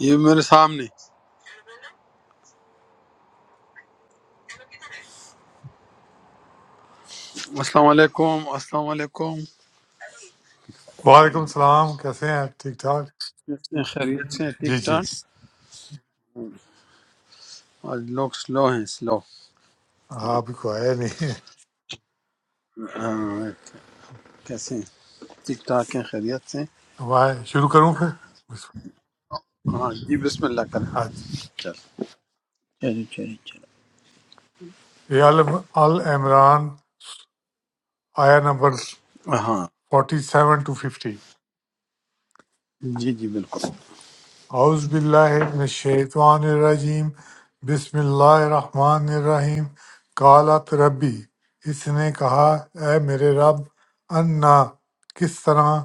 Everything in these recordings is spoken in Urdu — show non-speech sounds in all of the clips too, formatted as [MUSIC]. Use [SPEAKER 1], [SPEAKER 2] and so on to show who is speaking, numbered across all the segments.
[SPEAKER 1] یہ میرے سامنے السلام علیکم السلام علیکم
[SPEAKER 2] وعلیکم السلام کیسے ہیں آپ ٹھیک ٹھاک
[SPEAKER 1] کتنے خیریت سے ہیں؟ ٹھیک
[SPEAKER 2] جی جی
[SPEAKER 1] ٹھاک آج لوگ سلو ہیں سلو
[SPEAKER 2] آپ ہی کو آیا نہیں
[SPEAKER 1] کیسے ہیں ٹھیک ٹھاک ہیں خیریت سے ہیں؟
[SPEAKER 2] ہمارے شروع کروں پھر بسم
[SPEAKER 1] ہاں جی بسم اللہ کریں
[SPEAKER 2] اللہ۔
[SPEAKER 1] چل چلو چلو
[SPEAKER 2] یہ آل آل عمران آیا نمبر
[SPEAKER 1] چلو ہاں
[SPEAKER 2] 47 ٹو 50
[SPEAKER 1] جی جی بالکل
[SPEAKER 2] اعوذ باللہ من الشیطان الرجیم بسم اللہ الرحمن الرحیم قالت ربی اس نے کہا اے میرے رب انا کس طرح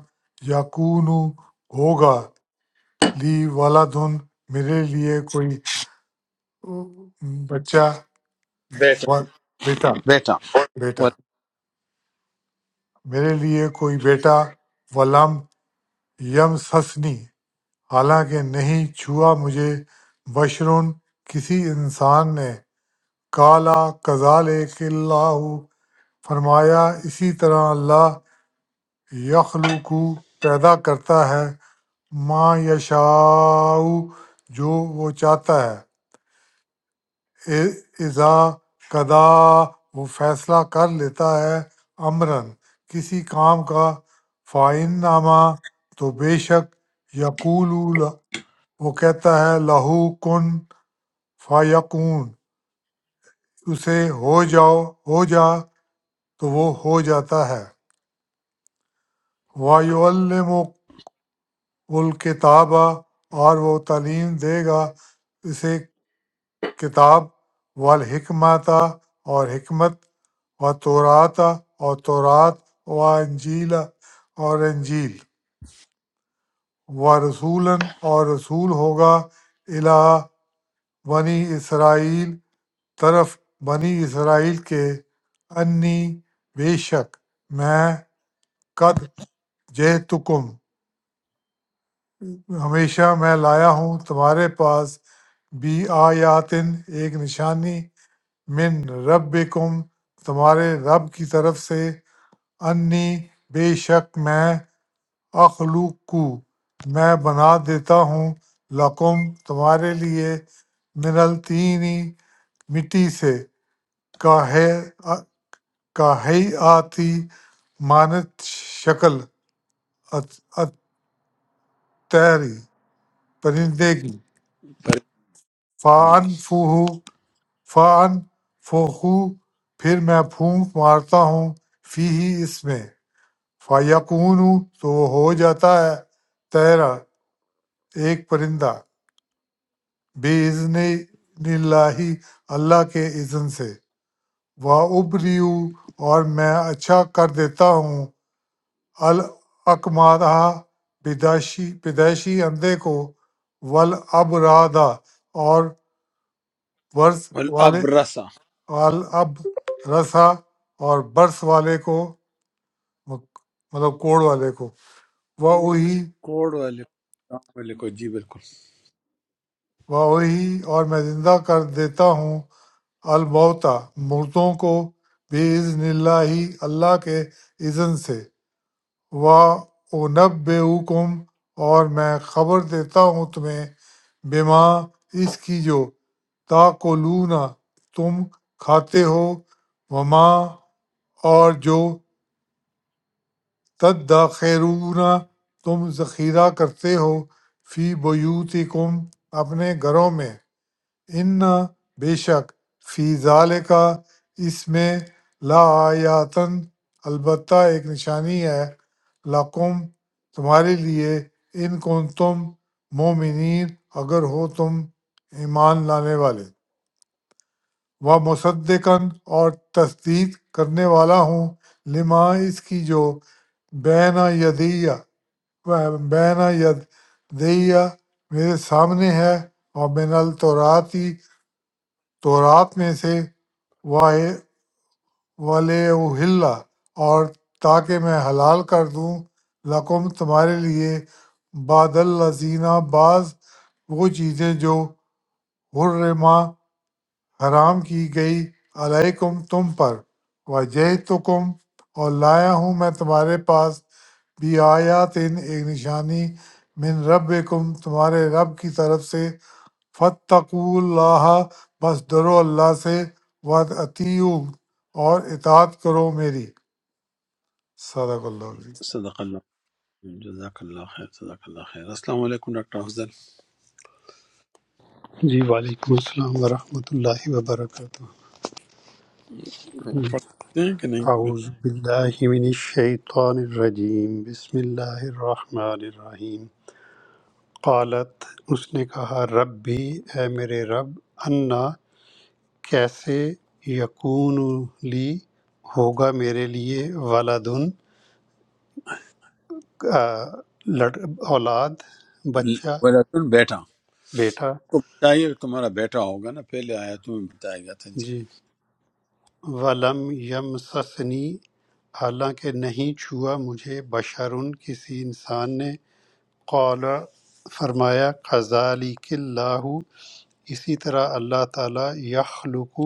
[SPEAKER 2] یقون ہوگا لی ولدن میرے لیے کوئی بچہ
[SPEAKER 1] بیٹا
[SPEAKER 2] و- بیٹا
[SPEAKER 1] بیٹا
[SPEAKER 2] بیٹا
[SPEAKER 1] وال-
[SPEAKER 2] میرے لیے کوئی بیٹا ولم یم سسنی حالانکہ نہیں چھوا مجھے بشرون کسی انسان نے کالا کزال اللہ فرمایا اسی طرح اللہ یخلوق پیدا کرتا ہے ما یشاء جو وہ چاہتا ہے اذا قدا وہ فیصلہ کر لیتا ہے امرن کسی کام کا فائن نامہ تو بے شک یقول وہ کہتا ہے لہو کن فیقون اسے ہو جاؤ ہو جا تو وہ ہو جاتا ہے وایعلم الکتابہ اور وہ تعلیم دے گا اسے کتاب والحکمت اور حکمت و تورات اور تورات و انجیل اور انجیل و رسول اور رسول ہوگا الہ بنی اسرائیل طرف بنی اسرائیل کے انی بے شک میں قد جئتکم ہمیشہ میں لایا ہوں تمہارے پاس بی آیاتن ایک نشانی من ربکم تمہارے رب کی طرف سے انی بے شک میں اخلوقو میں بنا دیتا ہوں لکم تمہارے لیے من الطینی مٹی سے کاہے کاہی آتی مانت شکل ات- اتحری پرندے کی
[SPEAKER 1] جی
[SPEAKER 2] فان فوہو فان فوہو پھر میں پھونک مارتا ہوں فی ہی اس میں فَيَکُونُ تو وہ ہو جاتا ہے طیرا ایک پرندہ بے اذن اللہ اللہ کے اذن سے وہ ابریو اور میں اچھا کر دیتا ہوں الاکمادہ پیدائشی پیدائشی اندھے کو ول ابرادہ اور ورس والے
[SPEAKER 1] والابرسا
[SPEAKER 2] اب رسا اور برس والے کو مطلب کوڑ والے کو وہی
[SPEAKER 1] کوڑ والے کو، کام والے کو جی بالکل
[SPEAKER 2] وہی اور میں زندہ کر دیتا ہوں الموتا مردوں کو بِإِذْنِ اللَّهِ اللہ کے اذن سے وَأُنَبِّئُكُمْ اور میں خبر دیتا ہوں تمہیں بما اس کی جو تاکلون تم کھاتے ہو وما اور جو تدخیرون تم ذخیرہ کرتے ہو فی بیوتکم اپنے گھروں میں ان بے شک فی کا اس میں لا آیاتن البتہ ایک نشانی ہے لقم تمہارے لیے ان کن تم مومنین اگر ہو تم ایمان لانے والے و مصدقن اور تصدیق کرنے والا ہوں لما اس کی جو بینا یدیہ بینا ید دیا میرے سامنے ہے اور من التوراتی تورات میں سے ولیحل اور تاکہ میں حلال کر دوں لکم تمہارے لیے بعد الزینہ بعض وہ چیزیں جو حرما حرام کی گئی علیکم تم پر وجہ تو کم اور لایا ہوں میں تمہارے پاس بھی آیات ایک نشانی من رب تمہارے رب کی طرف سے فتقوا اللہ بس ڈرو اللہ سے وطیعو اور اطاعت کرو میری صدق اللہ علیہ
[SPEAKER 1] صدق اللہ جزاک اللہ خیر صدق اللہ خیر السلام علیکم ڈاکٹر افضل
[SPEAKER 3] جی وعلیکم السلام ورحمۃ اللہ وبرکاتہ
[SPEAKER 1] پڑھ سکتے ہیں کہ نہیں
[SPEAKER 3] اعوذ باللہ من الشیطان الرجیم بسم اللہ الرحمن الرحیم قالت اس نے کہا رب بھی اے میرے رب انا کیسے یکون لی ہوگا میرے لیے ولادن اولاد
[SPEAKER 1] ل-
[SPEAKER 3] بچہ
[SPEAKER 1] ولیکن بیٹا
[SPEAKER 3] بیٹا
[SPEAKER 1] کو بتائیے تمہارا بیٹا ہوگا نا پہلے آیا تمہیں بتایا گیا تھا جی
[SPEAKER 3] جی ولم یم سسنی حالانکہ نہیں چھوا مجھے بشرن کسی انسان نے قال فرمایا کذالک اللہ اسی طرح اللہ تعالیٰ یخلق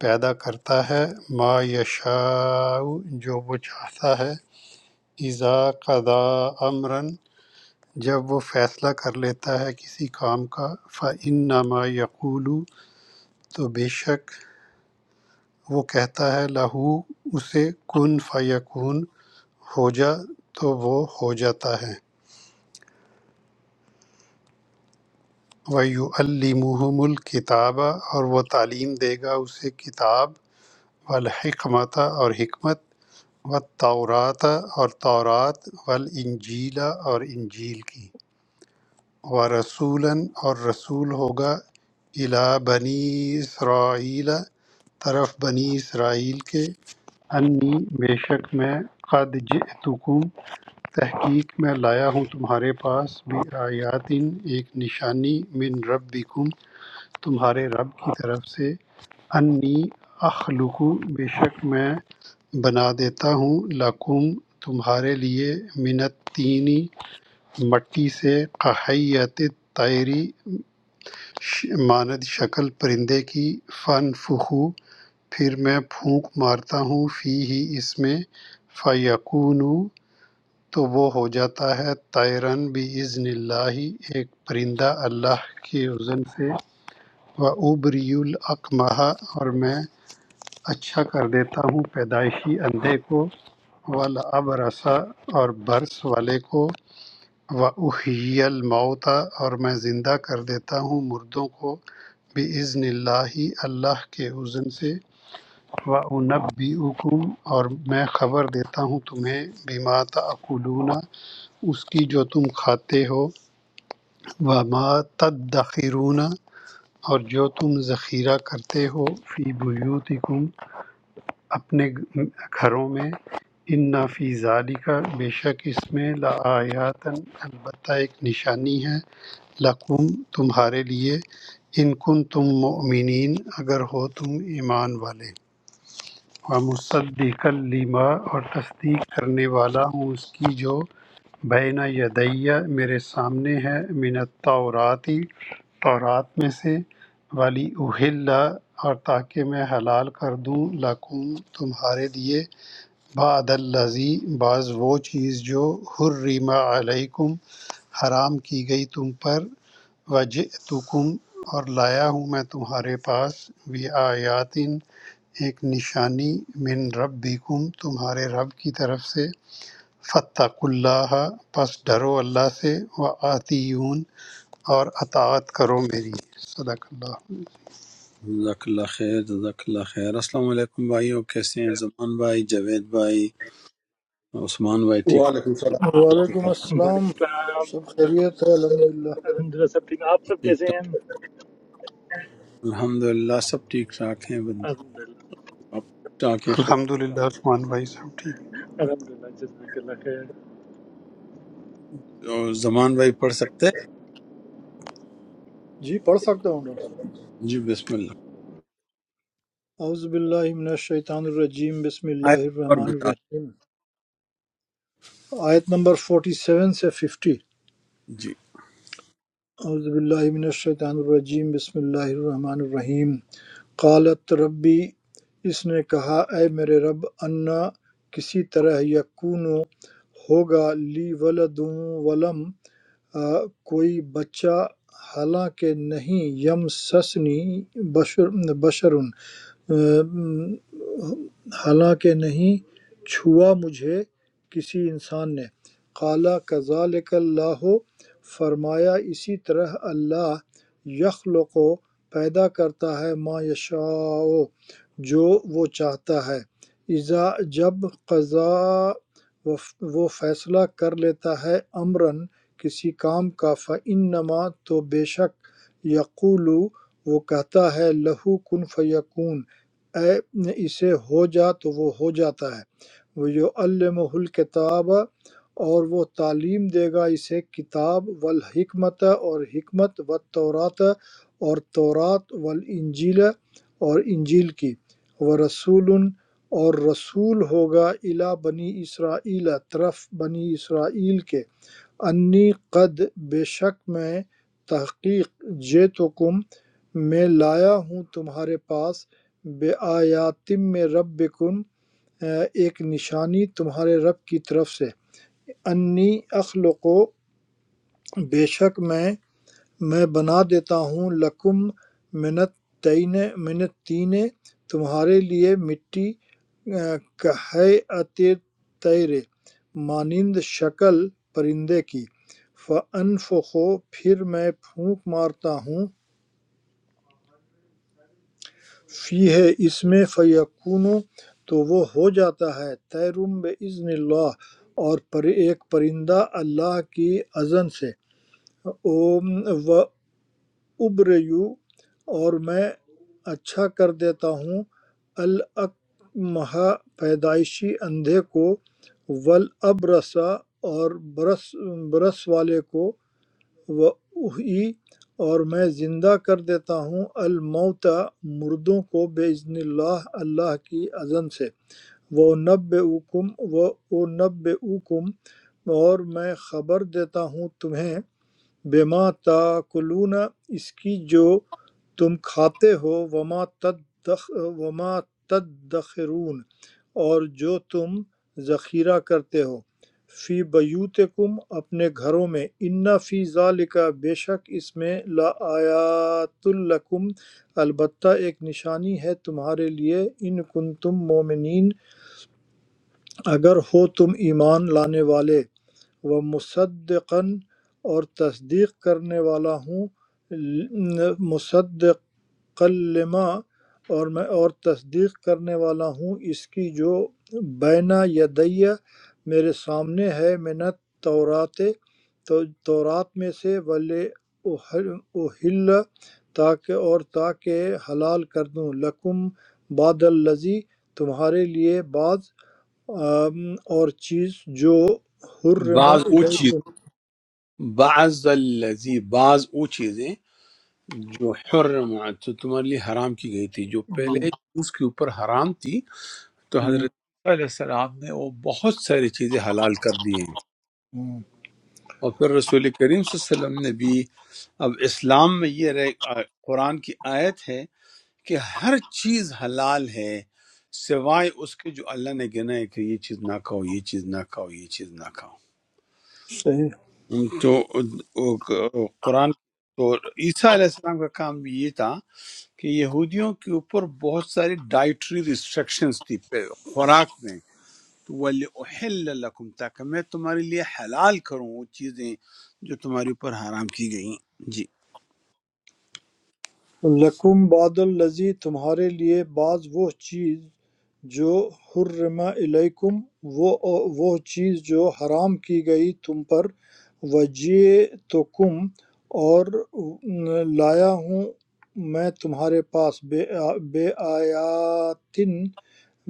[SPEAKER 3] پیدا کرتا ہے ما یشاء جو وہ چاہتا ہے اذا قضا امرن جب وہ فیصلہ کر لیتا ہے کسی کام کا فَإِنَّمَا يَقُولُ تو بے شک وہ کہتا ہے لہو اسے کن فیکون ہو جا تو وہ ہو جاتا ہے وَيُعَلِّمُهُمُ الْكِتَابَ اور وہ تعلیم دے گا اسے کتاب والحکمت اور حکمت والتورات اور تورات والانجیل اور انجیل کی ورسولاً اور رسول ہوگا الا بنی اسرائیل طرف بنی اسرائیل کے انی بے شک میں قد جئتکم تحقیق میں لایا ہوں تمہارے پاس بھی آیاتن ایک نشانی من ربکم تمہارے رب کی طرف سے انی اخلق بے شک میں بنا دیتا ہوں لکم تمہارے لیے منت تینی مٹی سے قحیت تیری ماند شکل پرندے کی فن فخو پھر میں پھونک مارتا ہوں فی ہی اس میں فیقون تو وہ ہو جاتا ہے تیرن بھی اللہ ایک پرندہ اللہ کے عزن سے وَأُبْرِئُ الْأَكْمَحَ اور میں اچھا کر دیتا ہوں پیدائشی اندھے کو والابرص اور برس والے کو وَأُحْيِي الْمَوْتَ اور میں زندہ کر دیتا ہوں مردوں کو بِإِذْنِ اللہ اللہ کے اذن سے وَأُنَبِّئُكُمْ اور میں خبر دیتا ہوں تمہیں بِمَا تَأْكُلُونَ اس کی جو تم کھاتے ہو وَمَا تَدَّخِرُونَ اور جو تم ذخیرہ کرتے ہو فی بیوتکم اپنے گھروں میں ان فی ذالک بے شک اس میں لآیاتن البتہ ایک نشانی ہے لکم تمہارے لیے ان کن تم مؤمنین اگر ہو تم ایمان والے و مصدق لما اور تصدیق کرنے والا ہوں اس کی جو بین یدیہ میرے سامنے ہے من التوراتی تورات میں سے ولی اہل اور تاکہ میں حلال کر دوں لکم تمہارے لیے بعد الذی بعض وہ چیز جو حرم علیکم حرام کی گئی تم پر وجئتکم اور لایا ہوں میں تمہارے پاس بھی آیاتن ایک نشانی من ربکم تمہارے رب کی طرف سے فتق اللہ پس ڈرو اللہ سے و آتیون اور اطاعت کرو میری صدق اللہ
[SPEAKER 1] جزاک اللہ خیر جزاک اللہ خیر السلام علیکم بھائیو کیسے ہیں زمان بھائی جاوید بھائی عثمان بھائی ٹھیک
[SPEAKER 4] وعلیکم السلام ورحمۃ
[SPEAKER 5] وعلیکم السلام
[SPEAKER 6] वालेकुम
[SPEAKER 5] سب
[SPEAKER 6] सलाम।
[SPEAKER 5] خیریت ہے الحمدللہ
[SPEAKER 6] अल्हम्दुलिल्लाह, सब ठीक। आप सब
[SPEAKER 1] ٹھیک
[SPEAKER 6] कैसे
[SPEAKER 1] ٹھاک
[SPEAKER 6] हैं?
[SPEAKER 1] الحمدللہ سب ٹھیک ٹھاک ہیں بن-
[SPEAKER 6] अल्हम्दुलिल्लाह
[SPEAKER 1] آپ ٹھیک ٹھاک ہیں
[SPEAKER 3] الحمد للہ عثمان بھائی صاحب ٹھیک
[SPEAKER 6] अल्हम्दुलिल्लाह, जज़ाकल्लाह खैर।
[SPEAKER 1] خیر- اور زمان بھائی پڑھ سکتے ہیں
[SPEAKER 5] جی پڑھ سکتا ہوں ڈاکٹر
[SPEAKER 1] جی بسم اللہ
[SPEAKER 5] صاحب اعوذ باللہ من الشیطان الرجیم بسم
[SPEAKER 1] آیت
[SPEAKER 5] اللہ
[SPEAKER 1] نمبر
[SPEAKER 5] الرحمن
[SPEAKER 1] بتا
[SPEAKER 5] الرحیم آیت نمبر 47 سے 50
[SPEAKER 1] دیں جی
[SPEAKER 5] اعوذ باللہ من الشیطان الرجیم بسم اللہ الرحمن الرحیم قالت ربی اس نے کہا اے میرے رب انا کسی طرح یکون ہوگا لی ولد ولم آ، کوئی بچہ حالانکہ نہیں یم سسنی بشر بشر حالانکہ نہیں چھوا مجھے کسی انسان نے قالا کذالک اللہ فرمایا اسی طرح اللہ یخلق و پیدا کرتا ہے ما یشاء جو وہ چاہتا ہے اذا جب قضا وف- وہ فیصلہ کر لیتا ہے امرن کسی کام کا فَإِنَّمَا تو بے شک یقول وہ کہتا ہے لہو کن فیکون اے اسے ہو جا تو وہ ہو جاتا ہے وَيُعَلِّمُهُ الْكِتَابَ اور وہ تعلیم دے گا اسے کتاب والحکمت اور حکمت والتورات اور تورات والانجیل اور انجیل کی ورسول اور رسول ہوگا الا بنی اسرائیل طرف بنی اسرائیل کے انی قد بے شک میں تحقیق جیتکم میں لایا ہوں تمہارے پاس بآیاتم میں ربکم ایک نشانی تمہارے رب کی طرف سے انی اخلق بے شک میں میں بنا دیتا ہوں لکم منت تینے منت تینے تمہارے لیے مٹی کہیعت طیرے مانند شکل پرندے کی فَأَنفُخُ پھر میں پھونک مارتا ہوں فی ہے اس میں فیقونو تو وہ ہو جاتا ہے تیرم بِإِذْنِ اللہ اور پر ایک پرندہ اللہ کی اذن سے اوم و ابریو اور میں اچھا کر دیتا ہوں الاکمہا پیدائشی اندھے کو والابرصا اور برس برس والے کو وہی اور میں زندہ کر دیتا ہوں الموتا مردوں کو باذن اللہ اللہ کی اذن سے وہ نب اوکم وہ نب اوکم اور میں خبر دیتا ہوں تمہیں بما تاکلون اس کی جو تم کھاتے ہو وما تدخ وما تدخرون اور جو تم ذخیرہ کرتے ہو فی بیوتکم اپنے گھروں میں ان فی ذالک بے شک اس میں لا آیات لکم البتہ ایک نشانی ہے تمہارے لیے ان کنتم مومنین اگر ہو تم ایمان لانے والے و مصدقن اور تصدیق کرنے والا ہوں مصدق لما اور میں اور تصدیق کرنے والا ہوں اس کی جو بینا یدیہ میرے سامنے ہے منت تورات تو تورات میں سے ولے اہل تاکہ اور تاکہ حلال کر دوں لکم بعد الذی تمہارے لیے بعض آم، اور چیز جو حرم
[SPEAKER 1] بعض وہ چیز
[SPEAKER 5] علیکم
[SPEAKER 1] بعض الذی بعض وہ چیزیں جو حرمت تو تمہارے لیے حرام کی گئی تھی جو
[SPEAKER 5] یہ
[SPEAKER 1] پہلے اس کے اوپر حرام تھی تو
[SPEAKER 5] ہم،
[SPEAKER 1] حضرت عیسیٰ علیہ السلام نے وہ بہت ساری چیزیں حلال کر دی ہیں
[SPEAKER 5] ہم،
[SPEAKER 1] اور پھر رسول کریم صلی اللہ علیہ وسلم نے بھی اب اسلام میں یہ رہ قرآن کی آیت ہے کہ ہر چیز حلال ہے سوائے اس کے جو اللہ نے گنا ہے کہ یہ چیز نہ کھاؤ یہ چیز نہ کھاؤ یہ چیز نہ کھاؤ
[SPEAKER 5] صحیح
[SPEAKER 1] ہم تو وہ قرآن تو عیسیٰ علیہ السلام کا کام بھی یہ تھا کہ یہودیوں کے اوپر بہت ساری ڈائٹری ریسٹرکشنز تھی پہ- خوراک میں وَلِأُحِلَّ لَكُمْ تاکہ میں تمہارے لیے حلال کروں وہ چیزیں جو تمہارے اوپر حرام کی گئیں جی
[SPEAKER 5] لَکُم بَعْضُ الَّذِی تمہارے لیے بعض وہ چیز جو حُرِّمَ عَلَیکُم وہ وہ چیز جو حرام کی گئی تم پر وَجِئْتُکُم اور لایا ہوں میں تمہارے پاس بے بے آیاتن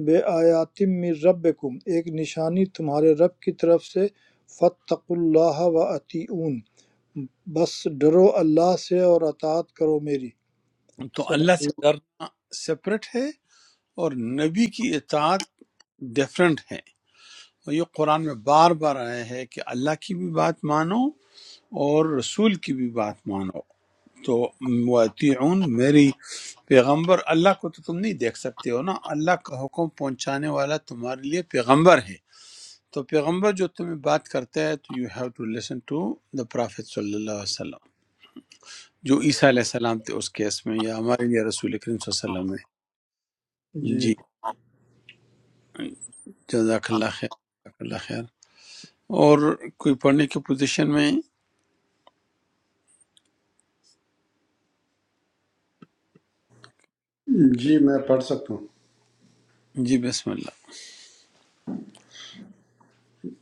[SPEAKER 5] بے آیاتم من ربکم ایک نشانی تمہارے رب کی طرف سے فَاتَّقُوا اللَّهَ وَأَطِیعُونِ بس ڈرو اللہ سے اور اطاعت کرو میری
[SPEAKER 1] تو
[SPEAKER 5] صدق
[SPEAKER 1] اللہ سے ڈرنا سپریٹ ہے اور نبی کی اطاعت ڈیفرنٹ ہے اور یہ قرآن میں بار بار آیا ہے کہ اللہ کی بھی بات مانو اور رسول کی بھی بات مانو تو وَأَطِيعُونْ میری پیغمبر اللہ کو تو تم نہیں دیکھ سکتے ہو نا اللہ کا حکم پہنچانے والا تمہارے لیے پیغمبر ہے تو پیغمبر جو تمہیں بات کرتا ہے تو you have to listen to the prophet صلی اللہ علیہ وسلم جو عیسیٰ علیہ السلام تھے اس کیس میں یا ہمارے لیے رسول کریم صلی اللہ علیہ وسلم
[SPEAKER 5] اللہ
[SPEAKER 1] ہے
[SPEAKER 5] جی
[SPEAKER 1] جی جزاک اللہ خیر جزاک اللہ خیر اور کوئی پڑھنے کی پوزیشن میں
[SPEAKER 4] اللہ جی میں پڑھ سکتا ہوں
[SPEAKER 1] جی بسم اللہ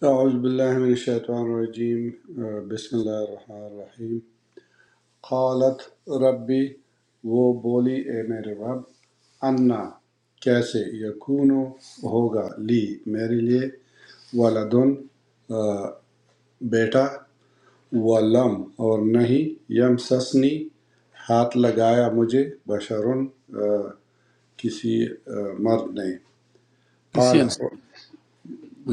[SPEAKER 4] اعوذ باللہ من الشیطان الرجیم آ، بسم اللہ الرحمن الرحیم قالت ربی وہ بولی اے میرے رب انا کیسے یکون ہوگا لی میرے لیے ولدن آ، بیٹا ولم اور نہیں یم سسنی ہاتھ لگایا مجھے بشرن آ، کسی آ، مرد نے
[SPEAKER 1] کسی
[SPEAKER 4] قال
[SPEAKER 1] انسان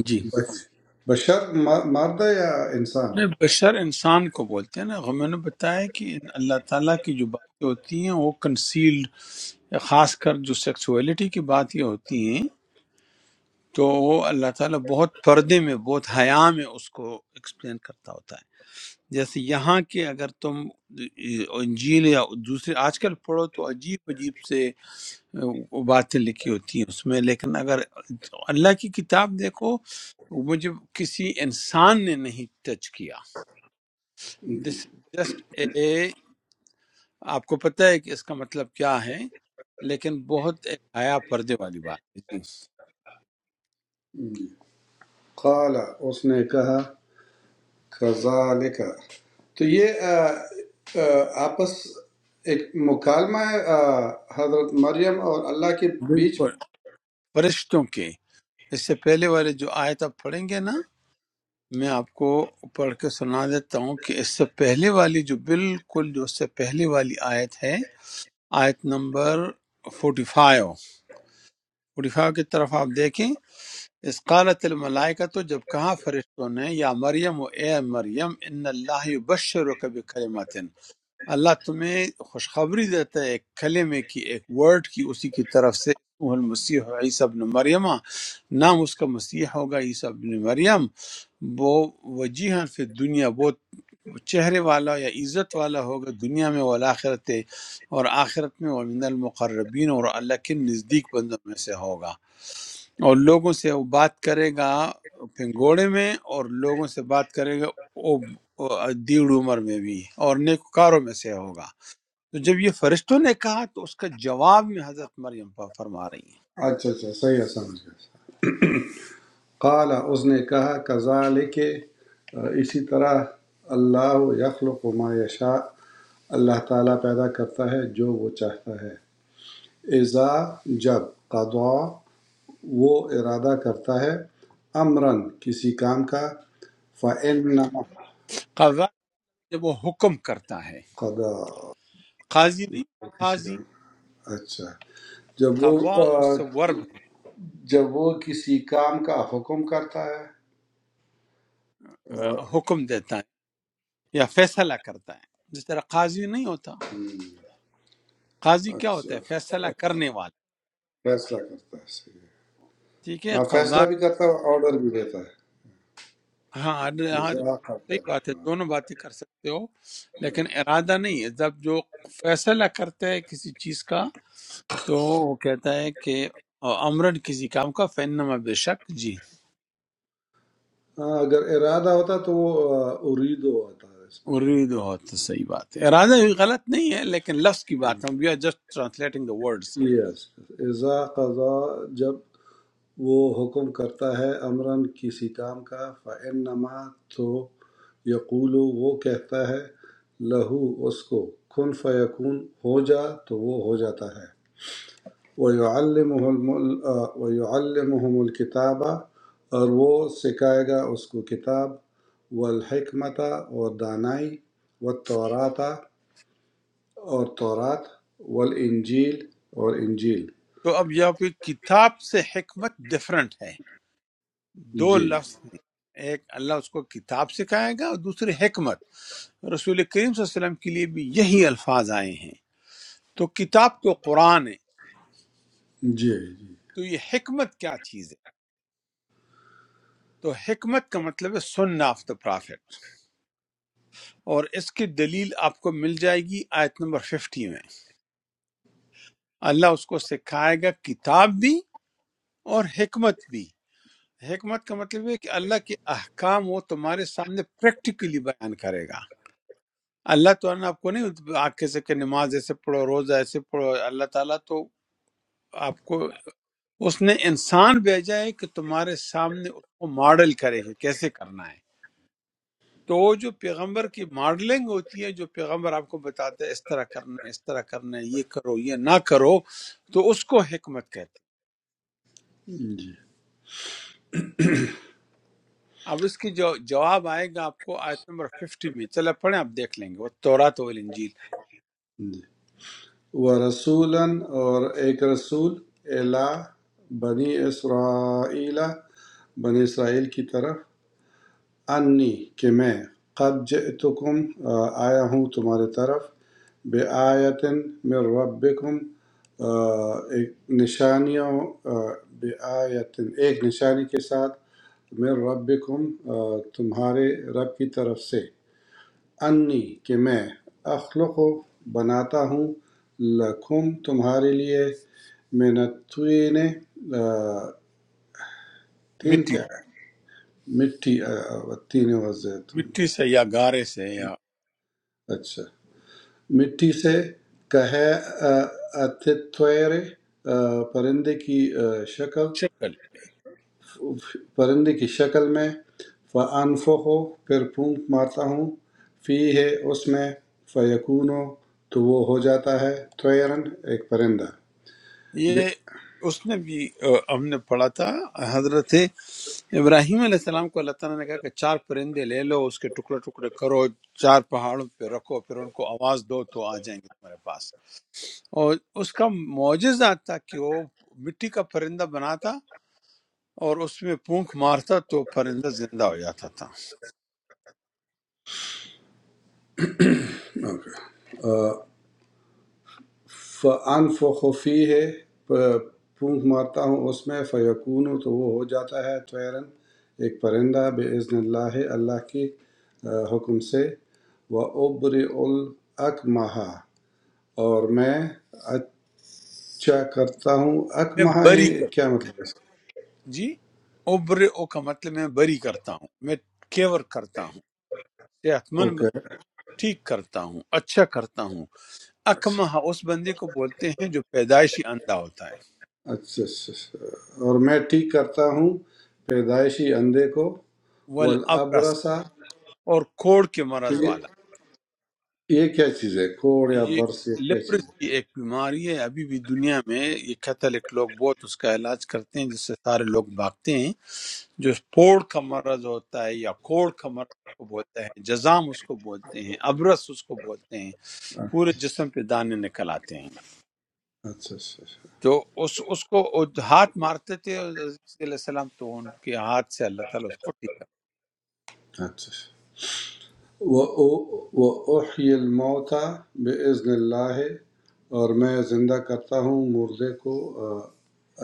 [SPEAKER 1] جی
[SPEAKER 4] بش- بشر ما- مادہ یا انسان
[SPEAKER 1] نہیں، بشر انسان کو بولتے ہیں نا میں نے بتایا کہ اللہ تعالیٰ کی جو باتیں ہوتی ہیں وہ کنسیلڈ خاص کر جو سیکسولیٹی کی باتیں ہوتی ہیں تو وہ اللہ تعالیٰ بہت پردے میں بہت حیا میں اس کو ایکسپلین کرتا ہوتا ہے جیسے یہاں کے اگر تم انجیل یا دوسرے آج کل پڑھو تو عجیب عجیب سے وہ باتیں لکھی ہوتی ہیں اس میں لیکن اگر اللہ کی کتاب دیکھو مجھے کسی انسان نے نہیں ٹچ کیا دس جسٹ اے آپ کو پتہ ہے کہ اس کا مطلب کیا ہے لیکن بہت ایک حیا پردے والی بات ہے جی
[SPEAKER 4] قال اس نے کہا کذالک تو یہ آ، آ، آپس ایک مکالمہ ہے آ، حضرت مریم اور اللہ کے بیچ میں
[SPEAKER 1] بالکل فرشتوں کے اس سے پہلے والے جو آیت آپ پڑھیں گے نا میں آپ کو پڑھ کے سنا دیتا ہوں کہ اس سے پہلے والی جو بالکل جو اس سے پہلے والی آیت ہے آیت نمبر 45 45 کی طرف آپ دیکھیں اس قالت الملائکہ تو جب کہا فرشتوں نے یا مریم و اے مریم ان اللہ بشر و کبھی اللہ تمہیں خوشخبری دیتا ہے ایک کلمے کی ایک ورڈ کی اسی کی طرف سے اسمہ المسیح عیسیٰ ابن مریم نام اس کا مسیح ہوگا عیسیٰ ابن مریم وہ وجیحا فی دنیا بہت چہرے والا یا عزت والا ہوگا دنیا میں والآخرت اور آخرت میں ومن المقربین اور اللہ کے نزدیک بندوں میں سے ہوگا اور لوگوں سے وہ بات کرے گا پنگوڑے میں اور لوگوں سے بات کرے گا وہ وہ دیڑ عمر میں بھی اور نیکوکاروں میں سے ہوگا تو جب یہ فرشتوں نے کہا تو اس کا جواب میں حضرت مریم پر فرما رہی ہیں
[SPEAKER 4] اچھا اچھا صحیح ہے سمجھ گیا قال اس نے کہا کذالک آ، اسی طرح اللہ یخلق ما یشاء اللہ تعالیٰ پیدا کرتا ہے جو وہ چاہتا ہے اذا جب قضا وہ ارادہ کرتا ہے امراً کسی کام کا فعل
[SPEAKER 1] قضا جب وہ حکم کرتا ہے
[SPEAKER 4] قدا
[SPEAKER 1] قاضی نہیں
[SPEAKER 4] کسی
[SPEAKER 1] قاضی
[SPEAKER 4] کام کا، اچھا جب وہ
[SPEAKER 1] قضا اس
[SPEAKER 4] آ،
[SPEAKER 1] سے ورب
[SPEAKER 4] جب وہ کسی کام کا حکم کرتا ہے
[SPEAKER 1] ہے، آ،
[SPEAKER 4] آ،
[SPEAKER 1] حکم دیتا ہے یا فیصلہ کرتا ہے جس طرح قاضی نہیں ہوتا قاضی کیا ہوتا
[SPEAKER 4] اچھا
[SPEAKER 1] ہے فیصلہ کرنے والا
[SPEAKER 4] فیصلہ کرتا ہے صحیح ہے۔
[SPEAKER 1] ٹھیک ہے
[SPEAKER 4] ہاں
[SPEAKER 1] قضا
[SPEAKER 4] فیصلہ بھی کرتا ہے آرڈر بھی دیتا ہے
[SPEAKER 1] ہاں ہر- ہر-
[SPEAKER 4] اذا
[SPEAKER 1] صحیح
[SPEAKER 4] قدر۔
[SPEAKER 1] بات ہے
[SPEAKER 4] ہاں
[SPEAKER 1] دونوں باتیں کر سکتے ہو لیکن ارادہ نہیں ہے جب جو فیصلہ کرتا ہے کسی چیز کا تو وہ کہتا ہے کہ امرن کسی کام کا فینما بے شک جی
[SPEAKER 4] ہاں، اگر ارادہ ہوتا تو وہ آ، اریدو ہوتا ہے اس میں
[SPEAKER 1] ارید ہو تو صحیح بات ہے ارادہ بھی غلط نہیں ہے لیکن لفظ کی بات ہم we are just translating the words
[SPEAKER 4] yes اذا قضا جب وہ حکم کرتا ہے امرا کسی کام کا فَإِنَّمَا تو یقول وہ کہتا ہے لہو اس کو کن فیکون ہو جا تو وہ ہو جاتا ہے وَيُعَلِّمُهُ الم- آ، وَيُعَلِّمُهُمُ الْكِتَابَ اور وہ سکھائے گا اس کو کتاب والحکمت اور دانائی والتورات اور تورات والانجیل اور انجیل
[SPEAKER 1] تو اب یہاں پہ کتاب سے حکمت ڈفرنٹ ہے دو
[SPEAKER 4] جی
[SPEAKER 1] لفظ ہیں ایک اللہ اس کو کتاب سکھائے گا اور دوسری حکمت رسول کریم صلی اللہ علیہ وسلم کے لیے بھی یہی الفاظ آئے ہیں تو کتاب تو قرآن ہے
[SPEAKER 4] جی جی
[SPEAKER 1] تو یہ حکمت کیا چیز ہے تو حکمت کا مطلب ہے سننا آف دا پرافٹ اور اس کی دلیل آپ کو مل جائے گی آیت نمبر ففٹی میں اللہ اس کو سکھائے گا کتاب بھی اور حکمت بھی حکمت کا مطلب ہے کہ اللہ کے احکام وہ تمہارے سامنے پریکٹیکلی بیان کرے گا اللہ تو نے آپ کو نہیں آ کے سے کہ نماز ایسے پڑھو روزہ ایسے پڑھو اللہ تعالیٰ تو آپ کو اس نے انسان بھیجا ہے کہ تمہارے سامنے اس کو ماڈل کرے کہ کیسے کرنا ہے تو وہ جو پیغمبر کی ماڈلنگ ہوتی ہے جو پیغمبر آپ کو بتاتا ہے اس طرح کرنا ہے اس طرح کرنا ہے یہ کرو یہ نہ کرو تو اس کو حکمت کہتے ہیں
[SPEAKER 4] جی
[SPEAKER 1] اب اس کی جو جواب آئے گا آپ کو آیت نمبر 50 میں چلے پڑھیں آپ دیکھ لیں گے وہ تورات و انجیل
[SPEAKER 4] جی۔ ورسولا اور ایک رسول الا بنی اسرائیل بنی اسرائیل کی طرف انی کہ میں قد جئتکم آ، آیا ہوں تمہارے طرف بے آیتن من ربکم آ، ایک نشانیوں بے آیتن ایک نشانی کے ساتھ من ربکم آ، تمہارے رب کی طرف سے انی کہ میں اخلق بناتا ہوں لکم تمہارے لیے من الطین تین
[SPEAKER 1] مٹی
[SPEAKER 4] کیا ہے مٹی تین وزیتون
[SPEAKER 1] مٹی سے یا گارے سے یا
[SPEAKER 4] اچھا مٹی سے کہے اتھوئرے پرندے کی آ، شکل
[SPEAKER 1] شکل
[SPEAKER 4] پرندے کی شکل میں فَأَنفُخُ پھر پھونک مارتا ہوں فی ہے اس میں فیکون تو وہ ہو جاتا ہے طیرن ایک پرندہ
[SPEAKER 1] یہ اس نے بھی آ، ہم نے پڑھا تھا حضرت ابراہیم علیہ السلام کو اللہ تعالیٰ نے کہا کہ چار پرندے لے لو اس کے ٹکڑے ٹکڑے کرو چار پہاڑوں پہ رکھو پھر ان کو آواز دو تو آ جائیں گے تمہارے پاس اور اس کا معجزہ تھا کہ وہ مٹی کا پرندہ بناتا اور اس میں پونک مارتا تو پرندہ زندہ ہو جاتا تھا
[SPEAKER 4] فَأَنفُخُ فِيهِ پ- پھونک مارتا ہوں اس میں فَیَکُونُ تو وہ ہو جاتا ہے طَیرًا ایک پرندہ بِإِذْنِ اللہ اللہ کے آ، حکم سے وَأُبْرِئُ الْأَكْمَحَ اور میں اچھا کرتا ہوں
[SPEAKER 1] میں
[SPEAKER 4] اکمہا
[SPEAKER 1] بری
[SPEAKER 4] یہ
[SPEAKER 1] کر
[SPEAKER 4] کیا مطلب ہے اس کا؟
[SPEAKER 1] جی اوبر او کا مطلب میں بری کرتا ہوں میں کیور کرتا ہوں صحت مند
[SPEAKER 4] اوکے
[SPEAKER 1] بن- ٹھیک کرتا ہوں اچھا کرتا ہوں
[SPEAKER 4] اچھا
[SPEAKER 1] اکمہ اس بندے کو بولتے ہیں جو پیدائشی اندھا ہوتا ہے
[SPEAKER 4] اچھا اچھا اچھا۔ اور میں ٹھیک کرتا ہوں پیدائشی اندھے کو
[SPEAKER 1] والابرس
[SPEAKER 4] والابرسا
[SPEAKER 1] اور کوڑ کے مرض
[SPEAKER 4] یہ
[SPEAKER 1] والا
[SPEAKER 4] یہ کیا چیز ہے کوڑ یا
[SPEAKER 1] یہ
[SPEAKER 4] برس یہ کیا چیز
[SPEAKER 1] لیپرسی ایک بیماری ہے ابھی بھی دنیا میں یہ کیتھولک لوگ بہت اس کا علاج کرتے ہیں جس سے سارے لوگ بھاگتے ہیں جو پوڑ کا مرض ہوتا ہے یا کوڑ کا مرض کو بولتے ہیں جزام اس کو بولتے ہیں ابرس اس کو بولتے ہیں
[SPEAKER 4] ہے
[SPEAKER 1] پورے جسم پہ دانے نکل آتے ہیں
[SPEAKER 4] اچھا اچھا
[SPEAKER 1] تو اس اس کو وہ ہاتھ مارتے تھے حضرت علیہ السلام تو ان کے ہاتھ سے اللہ تعالیٰ اس کو ٹھیک
[SPEAKER 4] اچھا اچھا وحی الموتا بزن اللہ اور میں زندہ کرتا ہوں مردے کو آ،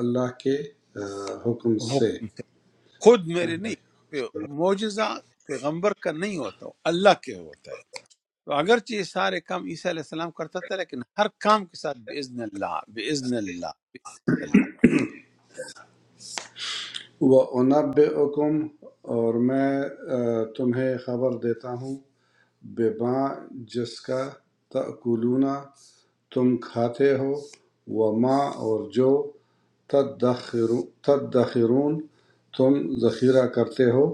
[SPEAKER 4] اللہ کے آ، حکم
[SPEAKER 1] کر
[SPEAKER 4] سے
[SPEAKER 1] حکم سے خود میرے نہیں پہ- معجزہ پیغمبر کا نہیں ہوتا اللہ کے ہوتا ہے تو اگرچہ یہ سارے کام عیسیٰ علیہ السلام کرتا تھا لیکن ہر کام کے ساتھ باذن اللہ باذن اللہ باذن اللہ
[SPEAKER 4] وہ انب اور میں آ، تمہیں خبر دیتا ہوں بما جس کا تأکلون تم کھاتے ہو وما اور جو تدخرون تم ذخیرہ کرتے ہو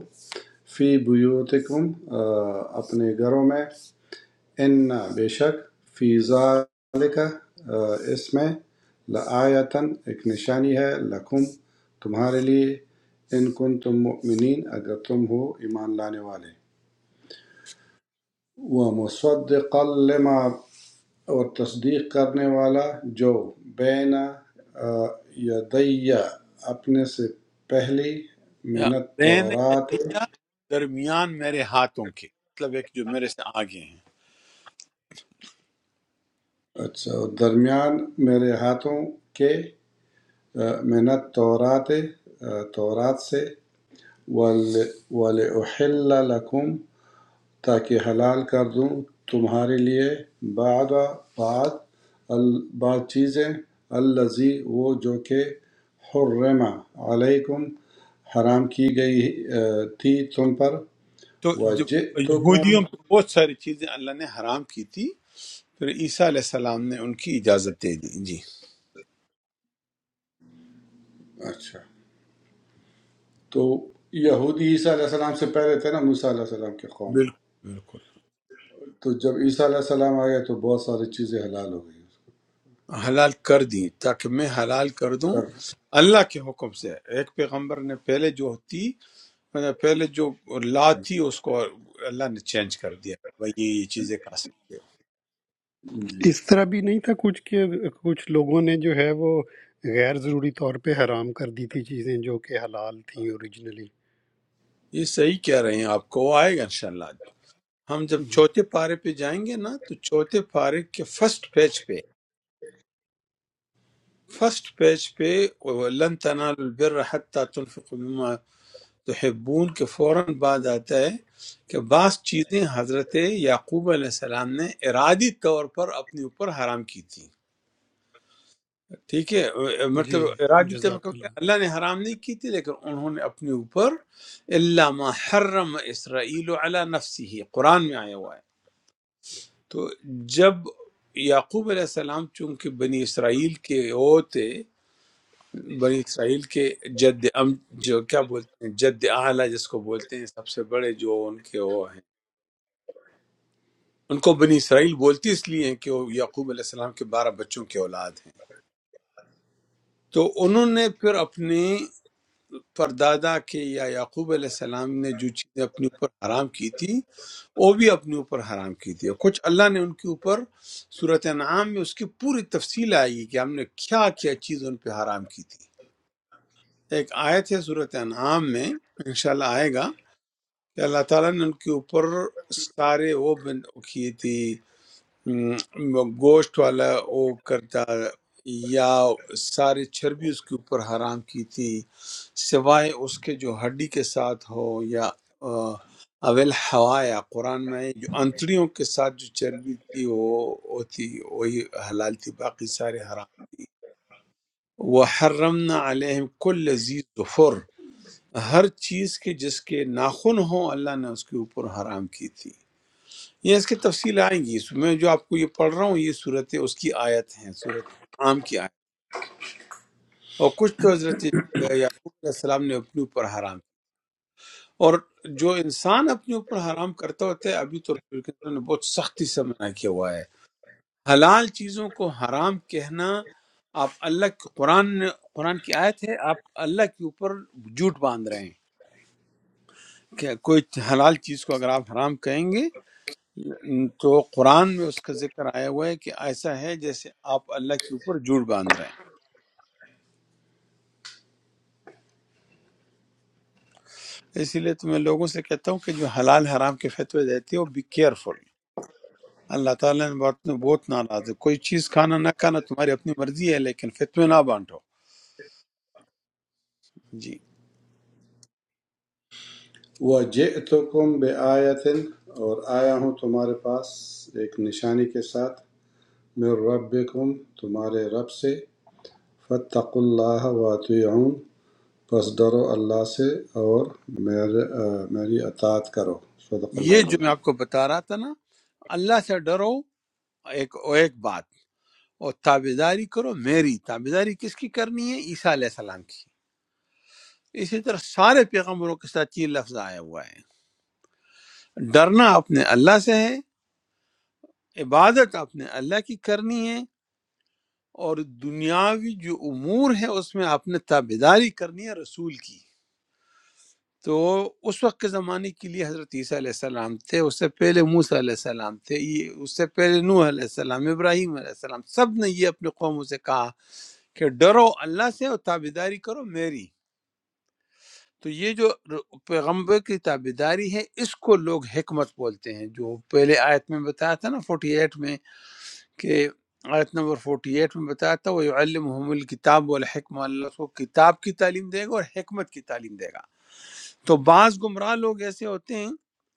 [SPEAKER 4] فی بیوتکم آ، اپنے گھروں میں ان بے شک فی ذالک آ، اس میں لآیتن ایک نشانی ہے لکم تمہارے لیے ان کن تم مؤمنین اگر تم ہو ایمان لانے والے وَمُصَدِّقًا لِمَا اور تصدیق کرنے والا جو بین یدیَّ اپنے سے پہلی
[SPEAKER 1] یا
[SPEAKER 4] من
[SPEAKER 1] بین
[SPEAKER 4] التورات
[SPEAKER 1] یدیا درمیان میرے ہاتھوں کے مطلب ایک جو میرے سے آگے ہیں
[SPEAKER 4] اچھا اور درمیان میرے ہاتھوں کے آ، من التورات آ، تورات سے وَلِ- وَلِأُحِلَّ لَكُمْ تاکہ حلال کر دوں تمہارے لیے بعد بعد بعض چیزیں الزی وہ جو کہ حرم علیکم حرام کی گئی تھی تم پر
[SPEAKER 1] تو جب
[SPEAKER 4] وجئتکم
[SPEAKER 1] یہودیوں پہ بہت ساری چیزیں اللہ نے حرام کی تھی پھر عیسیٰ علیہ السلام نے ان کی اجازت دے دی جی
[SPEAKER 4] اچھا تو یہودی عیسیٰ علیہ السلام سے پہلے تھے نا موسیٰ علیہ السلام کے قوم
[SPEAKER 1] بالکل بالکل
[SPEAKER 4] تو جب عیسیٰ علیہ السلام آ گئے تو بہت ساری چیزیں حلال ہو
[SPEAKER 1] حلال کر دی تاکہ میں حلال کر دوں
[SPEAKER 4] گئی
[SPEAKER 1] اللہ کے حکم سے ایک پیغمبر نے پہلے جو تھی مطلب پہلے جو لا تھی اس کو اللہ نے چینج کر دیا بھائی یہ یہ چیزیں کھا سکتے
[SPEAKER 4] جی
[SPEAKER 3] ہے۔ اس طرح بھی نہیں تھا کچھ کہ کچھ لوگوں نے جو ہے وہ غیر ضروری طور پہ حرام کر دی تھی چیزیں جو کہ حلال تھیں اوریجنلی
[SPEAKER 1] ہو یہ صحیح کہہ رہے ہیں آپ کو وہ آئے گا انشاءاللہ ہم جب چوتھے پارے پہ جائیں گے نا تو چوتھے پارے کے فرسٹ پیج پہ فرسٹ پیج پہ لن تنالوا البر حتى تنفقوا مما تحبون کے فوراً بعد آتا ہے کہ بعض چیزیں حضرت یعقوب علیہ السلام نے ارادی طور پر اپنے اوپر حرام کی تھی ٹھیک ہے اے- مطلب
[SPEAKER 3] جی
[SPEAKER 1] ارادی طب
[SPEAKER 3] جزاک
[SPEAKER 1] کرتے
[SPEAKER 3] اللہ
[SPEAKER 1] ہیں، اللہ نے حرام نہیں کی تھی لیکن انہوں نے اپنے اوپر اللہ ما حرم اسرائیل علی نفسی ہی قرآن میں آیا ہوا ہے تو جب یعقوب علیہ السلام چونکہ بنی اسرائیل کے وہ تھے بنی اسرائیل کے جد ام جو کیا بولتے ہیں جد اعلیٰ جس کو بولتے ہیں سب سے بڑے جو ان کے وہ ہیں ان کو بنی اسرائیل بولتی اس لیے ہیں کہ وہ یعقوب علیہ السلام کے بارہ بچوں کے اولاد ہیں تو انہوں نے پھر اپنے پردادا کے یا یعقوب علیہ السلام نے جو چیزیں اپنے اوپر حرام کی تھی وہ بھی اپنے اوپر حرام کی تھی اور کچھ اللہ نے ان کے اوپر صورت انعام میں اس کی پوری تفصیل آئی ہے کہ ہم نے کیا کیا چیز ان پہ حرام کی تھی ایک آیت ہے صورت انعام میں انشاءاللہ آئے گا کہ اللہ تعالیٰ نے ان کے اوپر سارے وہ بن کیے تھے م، گوشت والا وہ کرتا یا ساری چربی اس کے اوپر حرام کی تھی سوائے اس کے جو ہڈی کے ساتھ ہو یا آ، اول حوایا قرآن میں ہے، جو انتڑیوں کے ساتھ جو چربی تھی وہ ہوتی وہی حلال تھی باقی سارے حرام وہ حرمنا علیہم کل لذیذ ظفر ہر چیز کے جس کے ناخن ہوں اللہ نے اس کے اوپر حرام کی تھی یہ اس کی تفصیل آئے گی اس میں جو آپ کو یہ پڑھ رہا ہوں یہ صورت اس کی آیت ہیں صورت عام کی آیت اور کچھ تو حضرت یعقوب علیہ السلام نے اپنے اوپر حرام کیا۔ اور جو انسان اپنے اوپر حرام کرتا ہوتا ہے ابھی تو رسول کے نے بہت سختی سے منع کیا ہوا ہے حلال چیزوں کو حرام کہنا آپ اللہ کے قرآن نے- قرآن کی آیت ہے آپ اللہ کے اوپر جھوٹ باندھ رہے ہیں کہ کوئی حلال چیز کو اگر آپ حرام کہیں گے تو قرآن میں اس کا ذکر آیا ہوا ہے کہ ایسا ہے جیسے آپ اللہ کے اوپر جھوٹ باندھ رہے ہیں اسی لیے تو میں لوگوں سے کہتا ہوں کہ جو حلال حرام کے فتوے دیتے ہو بی کیئرفل اللہ تعالیٰ نے بات میں بہت ناراض ہے کوئی چیز کھانا نہ کھانا تمہاری اپنی مرضی ہے لیکن فتوے نہ بانٹو جی
[SPEAKER 4] وَجِئْتُکُم بِآیَةٍ اور آیا ہوں تمہارے پاس ایک نشانی کے ساتھ مِن ربکم تمہارے رب سے فَاتَّقُوا اللَّهَ وَأَطِیعُونْ پس ڈرو اللہ سے اور میرے آ، میری اطاعت کرو صدق اللہ
[SPEAKER 1] یہ جو میں
[SPEAKER 4] العظیم
[SPEAKER 1] آپ کو بتا رہا تھا نا اللہ سے ڈرو ایک اور ایک بات اور تابے داری کرو میری تابے داری کس کی کرنی ہے عیسیٰ علیہ السلام کی اسی طرح سارے پیغمبروں کے ساتھ یہ لفظ آیا ہوا ہے ڈرنا اپنے اللہ سے ہے عبادت اپنے اللہ کی کرنی ہے اور دنیاوی جو امور ہے اس میں آپ نے تابیداری کرنی ہے رسول کی تو اس وقت کے زمانے کے لیے حضرت عیسیٰ علیہ السلام تھے اس سے پہلے موسیٰ علیہ السلام تھے یہ اس سے پہلے نوح علیہ السلام ابراہیم علیہ السلام سب نے یہ اپنے قوموں سے کہا کہ ڈرو اللہ سے اور تابیداری کرو میری تو یہ جو ر- پیغمبر کی تابیداری ہے اس کو لوگ حکمت بولتے ہیں جو پہلے آیت میں بتایا تھا نا فورٹی ایٹ میں کہ آیت نمبر 48 میں بتایا تھا وہ علمحم الکتاب والحکمہ اللہ اس کو کتاب کی تعلیم دے گا اور حکمت کی تعلیم دے گا تو بعض گمراہ لوگ ایسے ہوتے ہیں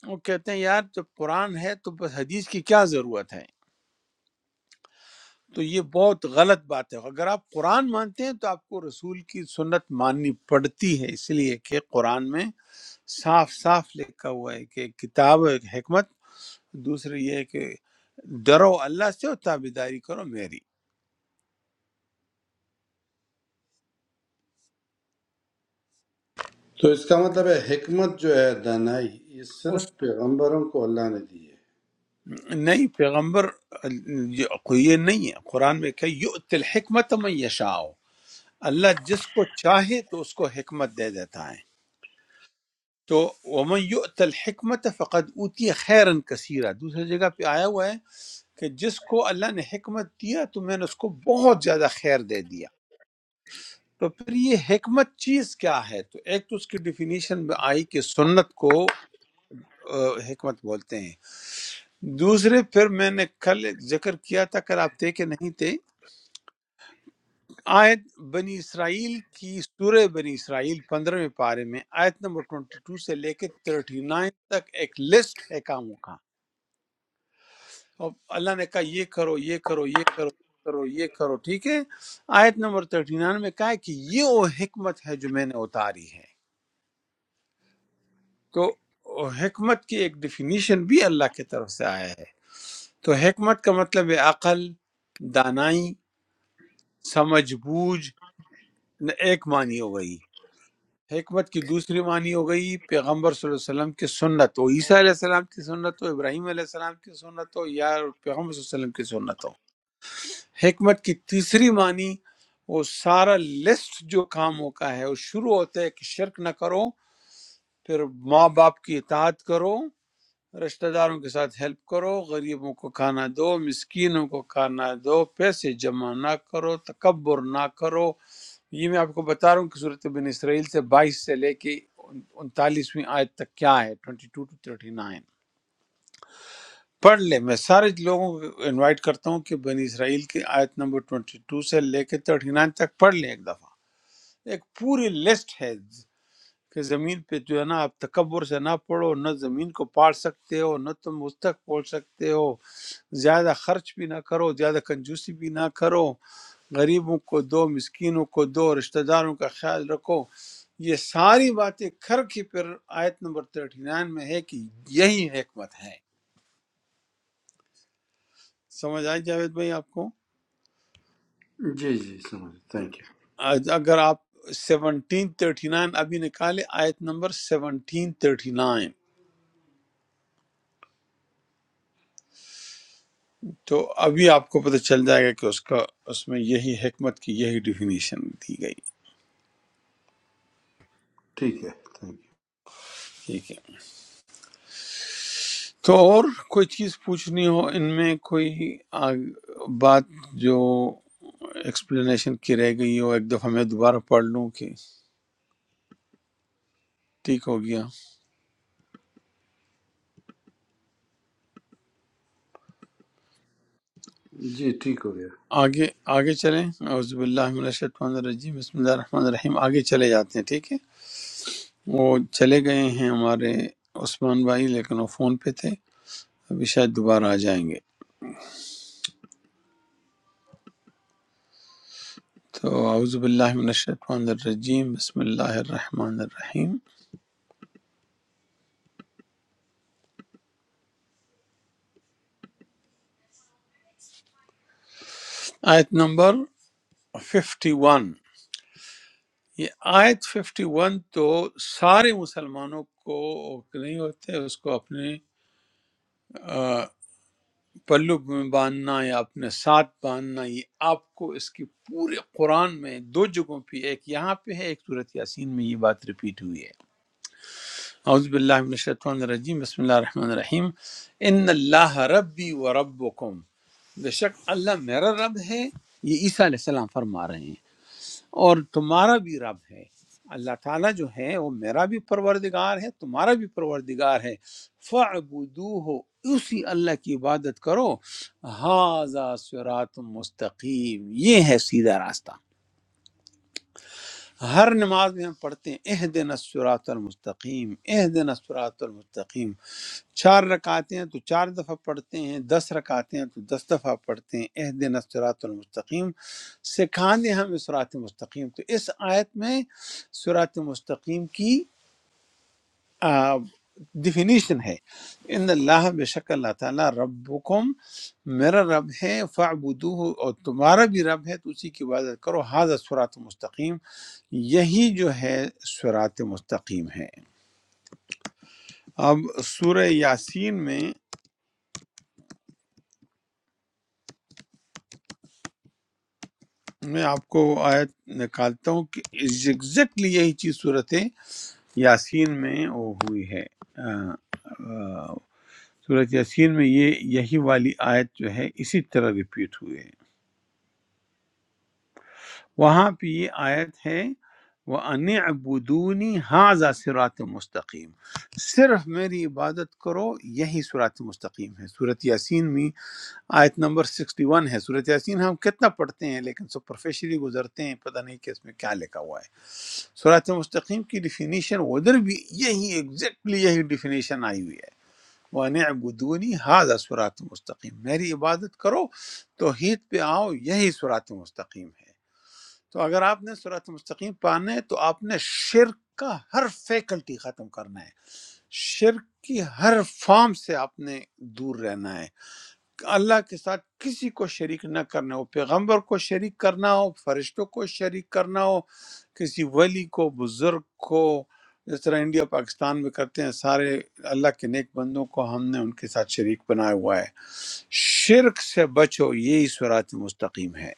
[SPEAKER 1] وہ کہتے ہیں یار جب قرآن ہے تو بس حدیث کی کیا ضرورت ہے تو یہ بہت غلط بات ہے اگر آپ قرآن مانتے ہیں تو آپ کو رسول کی سنت ماننی پڑتی ہے اس لیے کہ قرآن میں صاف صاف لکھا ہوا ہے کہ کتاب و ایک حکمت دوسرے یہ ہے کہ ڈرو اللہ سے اور تابیداری کرو میری
[SPEAKER 4] تو اس کا مطلب ہے حکمت جو ہے دانائی یہ صرف
[SPEAKER 1] اس
[SPEAKER 4] پیغمبروں کو اللہ نے دی ہے
[SPEAKER 1] نہیں پیغمبر یہ یہ نہیں ہے قرآن میں کہ یؤت الحکمت من یشاء اللہ جس کو چاہے تو اس کو حکمت دے دیتا ہے تو ومن یؤت الحکمت فقد اوتی خیرن کثیرہ دوسری جگہ پہ آیا ہوا ہے کہ جس کو اللہ نے حکمت دیا تو میں نے اس کو بہت زیادہ خیر دے دیا تو پھر یہ حکمت چیز کیا ہے تو ایک تو اس کی ڈیفینیشن میں آئی کہ سنت کو آ، حکمت بولتے ہیں دوسرے پھر میں نے کل ذکر کیا تھا کل آپ تھے کہ نہیں تھے آیت بنی اسرائیل کی سورہ بنی اسرائیل پندرہویں پارے میں آیت نمبر 22 سے لے کے 39 تک ایک لسٹ ہے کاموں کا اور اللہ نے کہا یہ کرو یہ کرو یہ کرو یہ کرو یہ کرو ٹھیک ہے آیت نمبر 39 میں کہا ہے کہ یہ وہ حکمت ہے جو میں نے اتاری ہے تو وہ حکمت کی ایک ڈیفینیشن بھی اللہ کی طرف سے آیا ہے تو حکمت کا مطلب ہے عقل دانائی سمجھ بوجھ ایک معنی ہو گئی حکمت کی دوسری معنی ہو گئی پیغمبر صلی اللہ علیہ وسلم کی سنت ہو عیسیٰ علیہ السلام کی سنت ہو ابراہیم علیہ السلام کی سنت ہو یا پیغمبر صلی اللہ علیہ وسلم کی سنت ہو حکمت کی تیسری معنی وہ سارا لسٹ جو کام ہوتا ہے وہ شروع ہوتا ہے کہ شرک نہ کرو پھر ماں باپ کی اطاعت کرو رشتہ داروں کے ساتھ ہیلپ کرو غریبوں کو کھانا دو مسکینوں کو کھانا دو پیسے جمع نہ کرو تکبر نہ کرو یہ میں آپ کو بتا رہا ہوں کہ صورت بن اسرائیل سے بائیس سے لے کے انتالیسویں آیت تک کیا ہے twenty two to thirty nine پڑھ لے میں سارے لوگوں کو انوائٹ کرتا ہوں کہ بنی اسرائیل کی آیت نمبر ٹوئنٹی ٹو سے لے کے تھرٹی نائن تک پڑھ لیں ایک دفعہ ایک پوری لسٹ ہے کہ زمین پہ جو ہے نا آپ تکبر سے نہ پڑو نہ زمین کو پاڑ سکتے ہو نہ تم اس تک پہنچ سکتے ہو زیادہ خرچ بھی نہ کرو زیادہ کنجوسی بھی نہ کرو غریبوں کو دو مسکینوں کو دو رشتہ داروں کا خیال رکھو یہ ساری باتیں کر کے پھر آیت نمبر 39 میں ہے کہ یہی حکمت ہے سمجھ آئی جاوید بھائی آپ کو
[SPEAKER 4] جی جی سمجھ تھینک یو
[SPEAKER 1] آج اگر آپ سیونٹین تھرٹی نائن ابھی نکالے آیت نمبر سیونٹین تھرٹی نائن، تو ابھی آپ کو پتہ چل جائے گا کہ اس کا اس میں یہی حکمت کی یہی ڈیفینیشن دی گئی
[SPEAKER 4] ٹھیک ہے تھینک
[SPEAKER 1] ٹھیک ہے تو اور کوئی چیز پوچھنی ہو ان میں کوئی آگ- بات جو ایکسپلینیشن کی رہ گئی ہو ایک دفعہ میں دوبارہ پڑھ لوں کہ ٹھیک ہو گیا
[SPEAKER 4] یو جی ٹھیک ہو گیا
[SPEAKER 1] آگے آگے چلیں اعوذ باللہ من الشیطان الرجیم بسم اللہ الرحمن الرحیم آگے چلے جاتے ہیں ٹھیک ہے وہ چلے گئے ہیں ہمارے عثمان بھائی لیکن وہ فون پہ تھے ابھی شاید دوبارہ آ جائیں گے تو اعوذ باللہ من الشیطان الرجیم بسم اللہ الرحمن الرحیم آیت نمبر 51 یہ آیت 51 تو سارے مسلمانوں کو نہیں ہوتے اس کو اپنے آ، پلو میں باندھنا یا اپنے ساتھ باندھنا یہ آپ کو اس کی پورے قرآن میں دو جگہوں پہ ایک یہاں پہ ہے ایک صورت یاسین میں یہ بات ریپیٹ ہوئی ہے اعوذ باللہ من الشیطان الرجیم بسم اللہ الرحمن الرحیم ان اللہ ربی و ربکم بے شک اللہ میرا رب ہے یہ عیسیٰ علیہ السلام فرما رہے ہیں اور تمہارا بھی رب ہے اللہ تعالیٰ جو ہے وہ میرا بھی پروردگار ہے تمہارا بھی پروردگار ہے فَعْبُدُوهُ اسی اللہ کی عبادت کرو هَذَا صِرَاطٌ مستقیم یہ ہے سیدھا راستہ ہر نماز میں ہم پڑھتے ہیں اہ دن المستقیم اہ دن المستقیم چار رکعتیں ہیں تو چار دفعہ پڑھتے ہیں دس رکعتیں ہیں تو دس دفعہ پڑھتے ہیں اہ دن المستقیم سکھا دیں ہمیں سرات مستقیم تو اس آیت میں سرات مستقیم کی ڈیفینیشن ہے ان اللہ بے شک اللہ تعالیٰ ربکم میرا رب ہے فعبدوہ اور تمہارا بھی رب ہے تو اسی کی عبادت کرو حاضر سورات مستقیم یہی جو ہے سورات مستقیم ہے اب سورہ یاسین میں میں آپ کو آیت نکالتا ہوں کہ ایگزیکٹلی یہی چیز صورت یاسین میں وہ ہوئی ہے آ، آ، صورت یاسین میں یہ یہی والی آیت جو ہے اسی طرح ریپیٹ ہوئی ہے وہاں پہ یہ آیت ہے وہ ان ابدونی حاضہ سرات مستقیم صرف میری عبادت کرو یہی صراط مستقیم ہے صورت یاسین میں آیت نمبر 61 ہے صورت یاسین ہم کتنا پڑھتے ہیں لیکن سپرفیشلی گزرتے ہیں پتہ نہیں کہ اس میں کیا لکھا ہوا ہے صراط مستقیم کی ڈیفینیشن ادھر بھی یہی ایگزیکٹلی یہی ڈیفینیشن آئی ہوئی ہے وَأَنِ اعْبُدُونِي هَذَا صراط مستقیم میری عبادت کرو توحید پہ آؤ یہی صراط مستقیم ہے تو اگر آپ نے صراط مستقیم پانا ہے تو آپ نے شرک کا ہر فیکلٹی ختم کرنا ہے شرک کی ہر فارم سے آپ نے دور رہنا ہے اللہ کے ساتھ کسی کو شریک نہ کرنا ہو پیغمبر کو شریک کرنا ہو فرشتوں کو شریک کرنا ہو کسی ولی کو بزرگ کو جس طرح انڈیا پاکستان میں کرتے ہیں سارے اللہ کے نیک بندوں کو ہم نے ان کے ساتھ شریک بنایا ہوا ہے شرک سے بچو یہی صراط مستقیم ہے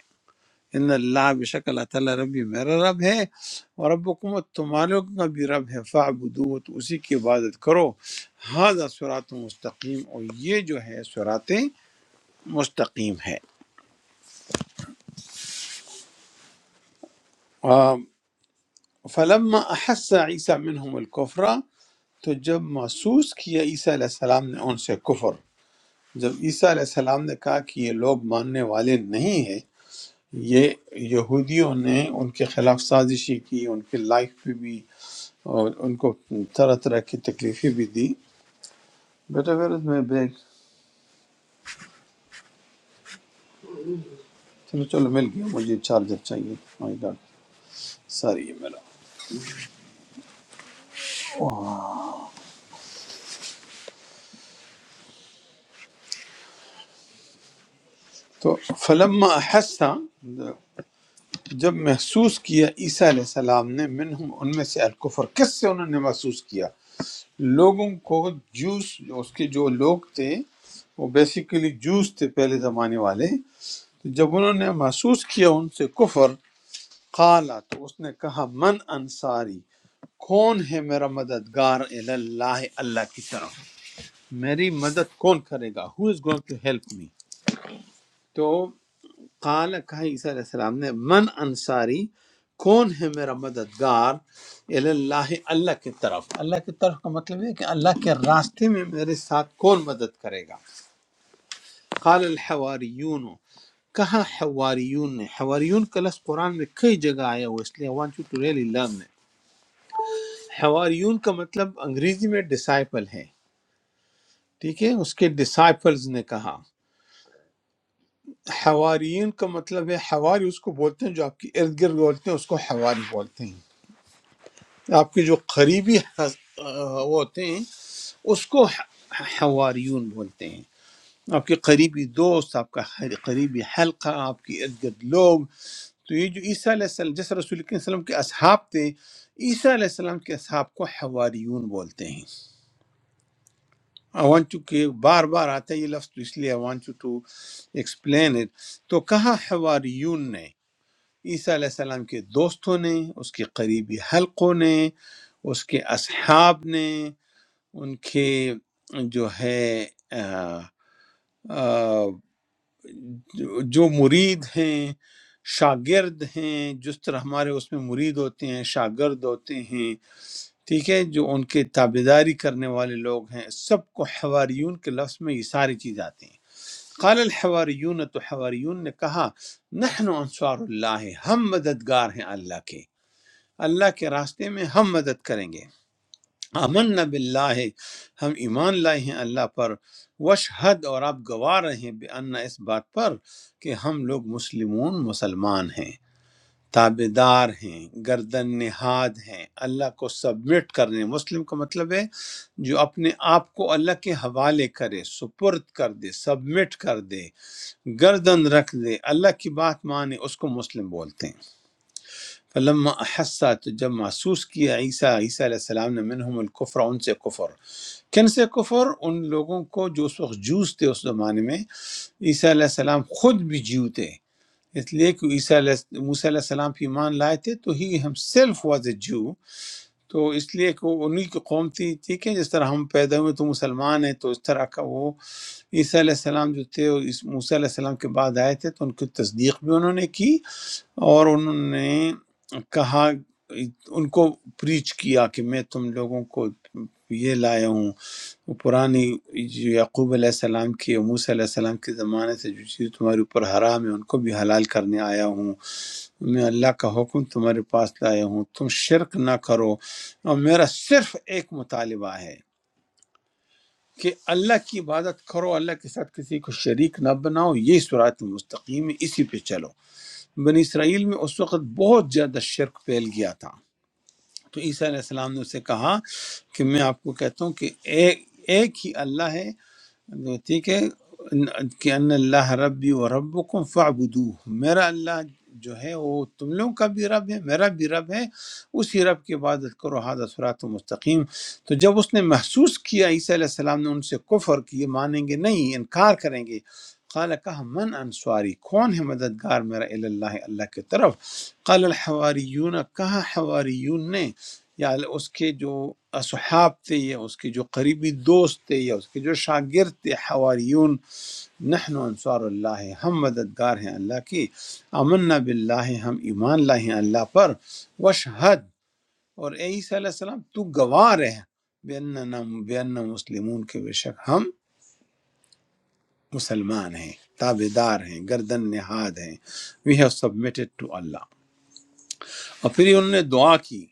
[SPEAKER 1] ان اللہ بے شک اللہ تعالیٰ ربی میرا رب ہے اور رب حکومت تمہارے لوگوں کا بھی رب ہے فعبدو تو اسی کی عبادت کرو ہاضا سرات مستقیم اور یہ جو ہے سرات مستقیم ہے آم، فلما احس عیسیٰ منہم الکفرہ تو جب محسوس کیا عیسیٰ علیہ السلام نے ان سے کفر جب عیسیٰ علیہ السلام نے کہا کہ یہ لوگ ماننے والے نہیں ہیں یہ یہودیوں نے ان کے خلاف سازشی کی ان کے لائف پہ بھی اور ان کو طرح طرح کی تکلیفیں بھی دی بیٹا غرض میں بیگ چلو چلو مل گیا مجھے چارجر چاہیے مائی گاڈ ساری یہ میرا تو فلما احسا جب محسوس کیا عیسیٰ علیہ السلام نے منہم ان میں سے الکفر کس سے انہوں نے محسوس کیا لوگوں کو جوس اس کے جو لوگ تھے وہ بیسیکلی جوس تھے پہلے زمانے والے تو جب انہوں نے محسوس کیا ان سے کفر قالا تو اس نے کہا من انصاری کون ہے میرا مددگار الی اللہ اللہ کی طرف میری مدد کون کرے گا who is going to help me تو قال کہا عیسیٰ علیہ السلام نے من انصاری کون ہے میرا مددگار الی اللہ اللہ کی طرف اللہ کی طرف کا مطلب ہے کہ اللہ کے راستے میں میرے ساتھ کون مدد کرے گا قال الحواریون کہا حواریون نے حواریون کا لفظ قرآن میں کئی جگہ آیا ہوا ہے، اس لیے I want you to really learn it حواریون کا مطلب انگریزی میں ڈسائپل ہے ٹھیک ہے اس کے ڈسائپلز نے کہا حواریون کا مطلب ہے حواری اس کو بولتے ہیں جو آپ کے ارد گرد بولتے ہیں اس کو حواری بولتے ہیں آپ کے جو قریبی حس- آہ، وہ ہوتے ہیں اس کو ح- حواریون بولتے ہیں آپ کے قریبی دوست آپ کا حر- قریبی حلقہ آپ کے ارد گرد لوگ تو یہ جو عیسیٰ علیہ السلام جس رسول کریم صلی اللہ علیہ وسلم کے اصحاب تھے عیسیٰ علیہ السلام کے اصحاب کو حواریون بولتے ہیں آئی وانٹ ٹو کہ بار بار آتا ہے یہ لفظ تو اس لیے I want you to explain it تو کہا حواریون نے عیسیٰ علیہ السلام کے دوستوں نے اس کے قریبی حلقوں نے اس کے اصحاب نے ان کے جو ہے آ، آ، جو جو مرید ہیں شاگرد ہیں جس طرح ہمارے اس میں مرید ہوتے ہیں شاگرد ہوتے ہیں ٹھیک ہے جو ان کے تابعداری کرنے والے لوگ ہیں سب کو حواریون کے لفظ میں یہ ساری چیز آتی ہیں قال الحواریون تو حواریون نے کہا نحن انصار اللہ ہم مددگار ہیں اللہ کے اللہ کے راستے میں ہم مدد کریں گے امن نب اللہ ہم ایمان لائے ہیں اللہ پر وشہد اور آپ گواہ رہے ہیں بے ان، اس بات پر کہ ہم لوگ مسلمون مسلمان ہیں تابے دار ہیں گردن نہاد ہیں اللہ کو سبمٹ کرنے مسلم کا مطلب ہے جو اپنے آپ کو اللہ کے حوالے کرے سپرد کر دے سبمٹ کر دے گردن رکھ دے اللہ کی بات مانے اس کو مسلم بولتے ہیں فلما احسا تو جب محسوس کیا عیسیٰ عیسیٰ علیہ السلام نے منہم الکفر ان سے کفر کن سے کفر ان لوگوں کو جو اس وقت جوس تھے اس زمانے میں عیسیٰ علیہ السلام خود بھی جیو تھے اس لیے کہ عیسیٰ علیہ موسیٰ علیہ السلام پہ ایمان لائے تھے تو ہی ہم سیلف واز اے جو تو اس لیے کہ وہ انہی کی قوم تھی ٹھیک ہے جس طرح ہم پیدا ہوئے تو مسلمان ہیں تو اس طرح کا وہ عیسیٰ علیہ السلام جو تھے اور اس موسیٰ علیہ السلام کے بعد آئے تھے تو ان کی تصدیق بھی انہوں نے کی اور انہوں نے کہا ان کو پریچ کیا کہ میں تم لوگوں کو یہ لایا ہوں وہ پرانی جو یعقوب علیہ السلام کی اور موسیٰ علیہ السلام کے زمانے سے جو چیز تمہارے اوپر حرام ہے ان کو بھی حلال کرنے آیا ہوں میں اللہ کا حکم تمہارے پاس لایا ہوں تم شرک نہ کرو اور میرا صرف ایک مطالبہ ہے کہ اللہ کی عبادت کرو اللہ کے ساتھ کسی کو شریک نہ بناؤ یہ سرات مستقیم ہے، اسی پہ چلو بنی اسرائیل میں اس وقت بہت زیادہ شرک پھیل گیا تھا تو عیسیٰ علیہ السلام نے اسے کہا کہ میں آپ کو کہتا ہوں کہ ایک ایک ہی اللہ ہے ٹھیک ہے ان- کہ ان اللہ ربی و ربکم فاعبدوہ میرا اللہ جو ہے وہ تم لوگوں کا بھی رب ہے میرا بھی رب ہے اسی رب کی عبادت کرو ہادہ سرات مستقیم تو جب اس نے محسوس کیا عیسیٰ علیہ السلام نے ان سے کفر کہ یہ مانیں گے نہیں انکار کریں گے قال کہا من انصاری کون ہے مددگار میرا الی اللہ اللہ کی طرف قال الحواریون کہا حواریون نے یا اس کے جو اصحاب تھے یا اس کے جو قریبی دوست تھے یا اس کے جو شاگرد تھے حواریون نحن انصار اللہ ہم مددگار ہیں اللہ کی امنا باللہ ہم ایمان لائے ہیں اللہ پر وشہد اور اے عیسیٰ علیہ السلام تو گواہ رہے بے بین مسلمون کے بے شک ہم مسلمان ہیں تابے دار ہیں گردن نہاد ہیں we have submitted to Allah اور پھر یہ انہوں نے دعا کی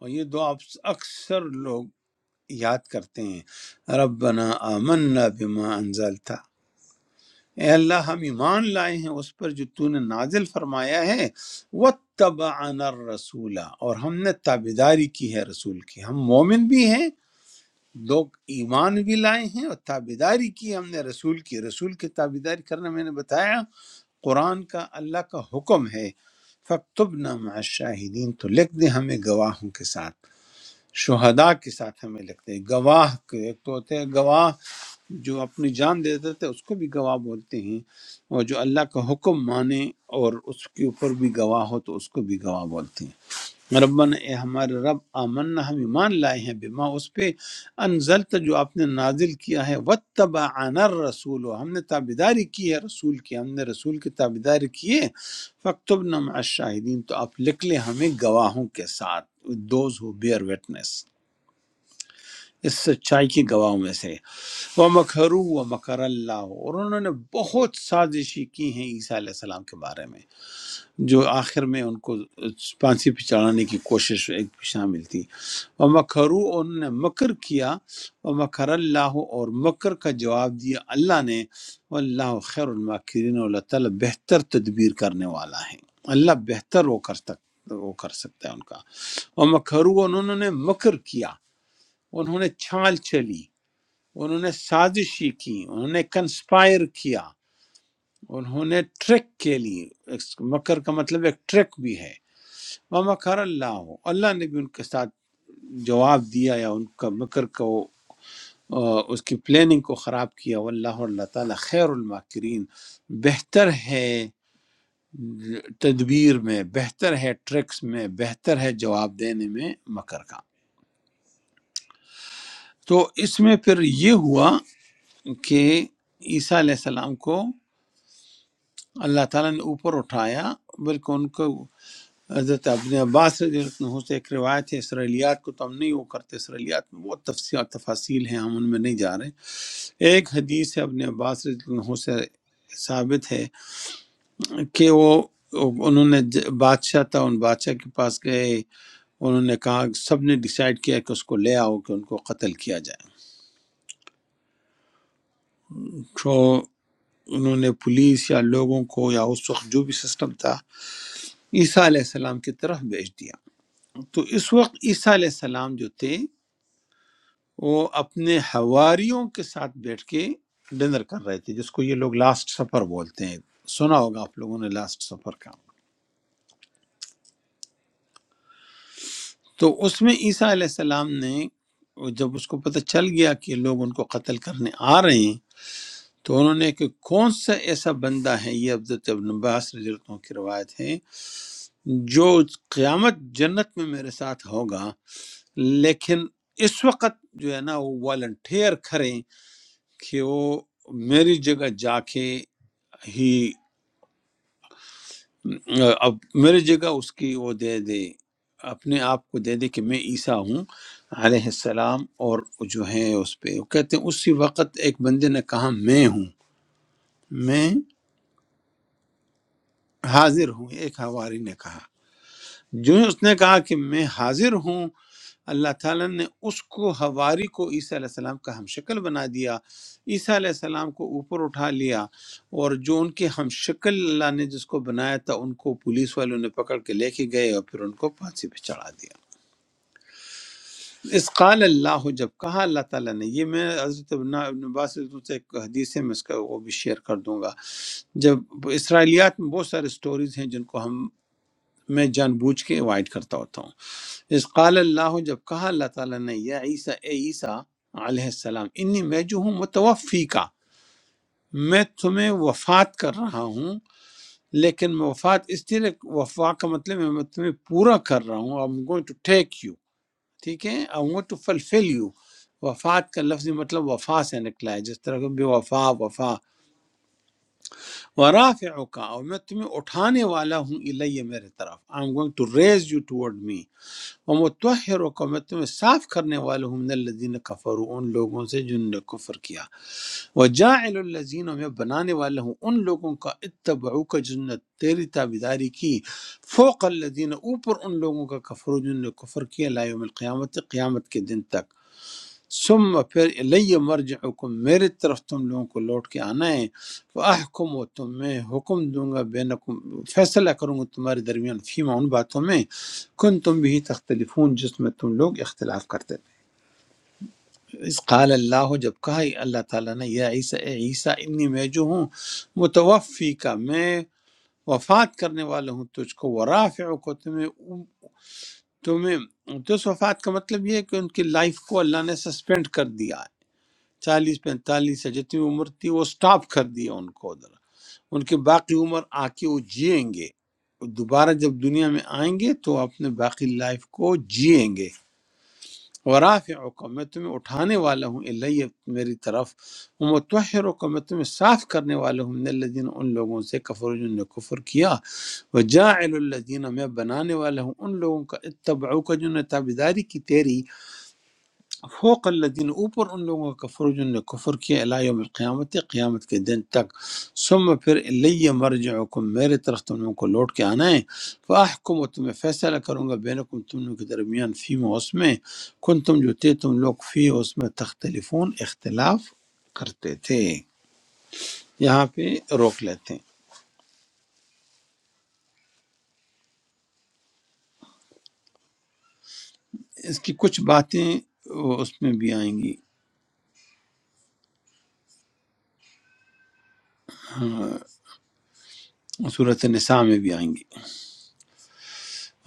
[SPEAKER 1] اور یہ دعا اکثر لوگ یاد کرتے ہیں ربنا آمنا بما انزلتا اے اللہ ہم ایمان لائے ہیں اس پر جو تو نے نازل فرمایا ہے واتبعنا الرسول اور ہم نے تابیداری کی ہے رسول کی ہم مومن بھی ہیں لوگ ایمان بھی لائے ہیں اور تابیداری کی ہم نے رسول کی رسول کی تابیداری کرنا میں نے بتایا قرآن کا اللہ کا حکم ہے فَاكْتُبْنَا مع الشاہدین تو لکھ دیں ہمیں گواہوں کے ساتھ شہداء کے ساتھ ہمیں لگتے ہیں گواہ کے ایک تو ہوتے ہیں گواہ جو اپنی جان دے دیتے تھے اس کو بھی گواہ بولتے ہیں اور جو اللہ کا حکم مانے اور اس کے اوپر بھی گواہ ہو تو اس کو بھی گواہ بولتے ہیں ربنا اے ہمارے رب آمنا ہم ایمان لائے ہیں بما اس پہ انزلت جو آپ نے نازل کیا ہے واتبعنا الرسول ہم نے تابیداری کی ہے رسول کی ہم نے رسول کی تابیداری کی ہے فاکتبنا مع الشاہدین تو آپ لکھ لیں ہمیں گواہوں کے ساتھ those who bear witness اس سچائی کی گواہوں میں سے وہ مکھرو و مکر اللہ اور انہوں نے بہت سازشی کی ہیں عیسیٰ علیہ السلام کے بارے میں جو آخر میں ان کو پھانسی پہ چڑھانے کی کوشش ایک شامل تھی وہ مکھرو انہوں نے مکر کیا وہ مکر اللہ اور مکر کا جواب دیا اللہ نے اللہ خیر الماکرین اللہ تعالیٰ بہتر تدبیر کرنے والا ہے اللہ بہتر وہ کر سک وہ کر سکتا ہے ان کا وہ مکھرو انہوں نے مکر کیا انہوں نے چھال چلی انہوں نے سازشی کی انہوں نے کنسپائر کیا انہوں نے ٹرک کے لی اس- مکر کا مطلب ایک ٹرک بھی ہے وہ مکر اللہ اللہ نے بھی ان کے ساتھ جواب دیا یا ان کا مکر کو آ، اس کی پلاننگ کو خراب کیا واللہ اور اللہ تعالیٰ خیر الماکرین بہتر ہے تدبیر میں بہتر ہے ٹرکس میں بہتر ہے جواب دینے میں مکر کا تو اس میں پھر یہ ہوا کہ عیسیٰ علیہ السلام کو اللہ تعالیٰ نے اوپر اٹھایا بلکہ ان کو حضرت ابن عباس رضی اللہ عنہ سے ایک روایت ہے اسرائیلیات کو تو ہم نہیں وہ کرتے اسرائیلیات میں بہت تفصیل تفاصیل ہیں ہم ان میں نہیں جا رہے ایک حدیث ہے ابن عباس رضی اللہ عنہ سے ثابت ہے کہ وہ انہوں نے ج- بادشاہ تھا ان بادشاہ کے پاس گئے انہوں نے کہا سب نے ڈیسائیڈ کیا کہ اس کو لے آؤ کہ ان کو قتل کیا جائے تو انہوں نے پولیس یا لوگوں کو یا اس وقت جو بھی سسٹم تھا عیسیٰ علیہ السلام کی طرف بھیج دیا تو اس وقت عیسیٰ علیہ السلام جو تھے وہ اپنے حواریوں کے ساتھ بیٹھ کے ڈنر کر رہے تھے جس کو یہ لوگ لاسٹ سفر بولتے ہیں سنا ہوگا آپ لوگوں نے لاسٹ سفر کا تو اس میں عیسیٰ علیہ السلام نے جب اس کو پتہ چل گیا کہ لوگ ان کو قتل کرنے آ رہے ہیں تو انہوں نے کہ کون سا ایسا بندہ ہے یہ عبدت ابن عباس رضی اللہ عنہ کی روایت ہے جو قیامت جنت میں میرے ساتھ ہوگا لیکن اس وقت جو ہے نا وہ والنٹیئر کریں کہ وہ میری جگہ جا کے ہی اب میری جگہ اس کی وہ دے دے اپنے آپ کو دے دے کہ میں عیسیٰ ہوں علیہ السلام اور جو ہے اس پہ وہ کہتے ہیں اسی وقت ایک بندے نے کہا میں ہوں میں حاضر ہوں ایک ہواری نے کہا جو ہی اس نے کہا کہ میں حاضر ہوں اللہ تعالیٰ نے اس کو ہواری کو عیسیٰ علیہ السلام کا ہم شکل بنا دیا عیسیٰ علیہ السلام کو اوپر اٹھا لیا اور جو ان کے ہم شکل اللہ نے جس کو بنایا تھا ان کو پولیس والوں نے پکڑ کے لے کے گئے اور پھر ان کو پھانسی پہ چڑھا دیا اس قال اللہ جب کہا اللہ تعالیٰ نے یہ میں حضرت ابن ابن عباس سے ایک حدیث ہے میں اس کا وہ بھی شیئر کر دوں گا جب اسرائیلیات میں بہت سارے سٹوریز ہیں جن کو ہم میں جان بوجھ کے اوائڈ کرتا ہوتا ہوں اس قال اللہ جب کہا اللہ تعالیٰ نے یا عیسیٰ اے عیسیٰ علیہ السلام انی میں جو ہوں متوفی کا میں تمہیں وفات کر رہا ہوں لیکن میں وفات اس لیے وفا کا مطلب ہے میں تمہیں پورا کر رہا ہوں I'm going to take you ٹھیک ہے I'm going to fulfill you وفات کا لفظی مطلب وفا سے نکلا ہے جس طرح کہ بے وفا وفا ورافعک اور میں تمہیں اٹھانے والا ہوں الیہ میرے طرف I'm going to raise you toward me وہ متحر کو میں تمہیں صاف کرنے والا ہوں من الذین کفروا ان لوگوں سے جنہوں نے کفر کیا وجاعل الذین میں بنانے والا ہوں ان لوگوں کا اتبعو کا جنہوں نے تیری تابیداری کی فوق الذین اوپر ان لوگوں کا کفر جنہوں نے کفر کیا لا یوم القیامت قیامت کے دن تک ثم پھر الی مرجعکم میری طرف تم لوگوں کو لوٹ کے آنا ہے فاحکم و تم میں حکم دوں گا بینکم فیصلہ کروں گا تمہارے درمیان فیما ان باتوں میں کن تم بھی تختلفون جس میں تم لوگ اختلاف کرتے تھے اس قال اللہ جب کہا اللہ تعالیٰ نے یا عیسیٰ اے عیسیٰ انی میں جو ہوں متوفی کا میں وفات کرنے والا ہوں تجھ کو ورافع کو تمہیں تمہیں تو اس وفات کا مطلب یہ ہے کہ ان کی لائف کو اللہ نے سسپینڈ کر دیا ہے، چالیس پینتالیس یا جتنی عمر تھی وہ سٹاپ کر دیا ان کو ادھر ان کی باقی عمر آ کے وہ جئیں گے دوبارہ جب دنیا میں آئیں گے تو اپنے باقی لائف کو جئیں گے ورافعکم میں تمہیں اٹھانے والا ہوں الیہ میری طرف ومتوحرکم میں تمہیں صاف کرنے والا ہوں من الذین ان لوگوں سے کفر جن نے کفر کیا وجاعل الذین میں بنانے والا ہوں ان لوگوں کا اتبعو کا جنہوں نے تابداری کی تیری فوق الذین اوپر ان لوگوں کا کفر جن نے کفر کیا الی یوم القیامت قیامت کے دن تک ثم پھر الی مرجعکم میرے طرف تم لوگوں کو لوٹ کے آنا ہے فاحکم و تمہیں فیصلہ کروں گا بینکم تم لوگوں کے درمیان فی اس میں کن تم جو تھے تم لوگ فی اس میں تختلفون اختلاف کرتے تھے یہاں پہ روک لیتے ہیں اس کی کچھ باتیں اس میں بھی آئیں گی صورت نساء میں بھی آئیں گی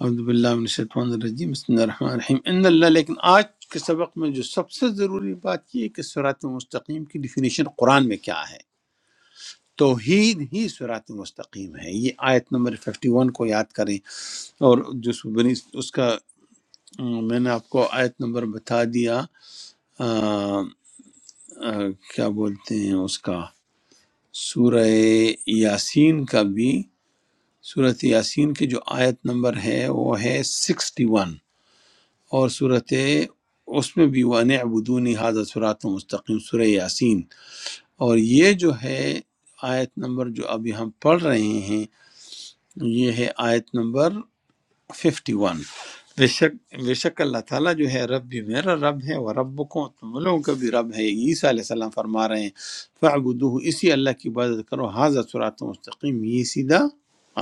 [SPEAKER 1] عبد باللہ من الشیطان الرجیم بسم اللہ الرحمن الرحیم ان اللہ لیکن آج کے سبق میں جو سب سے ضروری بات یہ ہے کہ سرات مستقیم کی ڈیفینیشن قرآن میں کیا ہے توحید ہی سرات مستقیم ہے یہ آیت نمبر 51 کو یاد کریں اور جو اس بنی اس کا ام، میں نے آپ کو آیت نمبر بتا دیا آ، آ، کیا بولتے ہیں اس کا سورہ یاسین کا بھی سورۃ یاسین کی جو آیت نمبر ہے وہ ہے 61 اور صورت اس میں بھی وہ نعبدونی حاضر صراط مستقیم سورہ یاسین اور یہ جو ہے آیت نمبر جو ابھی ہم پڑھ رہے ہیں یہ ہے آیت نمبر 51 بے شک بے شک اللہ تعالیٰ جو ہے رب بھی میرا رب ہے اور رب کو تم لوگوں کا بھی رب ہے عیسیٰ علیہ السلام فرما رہے ہیں فعبدو اسی اللہ کی عبادت کرو حاضر صراط مستقیم یہ سیدھا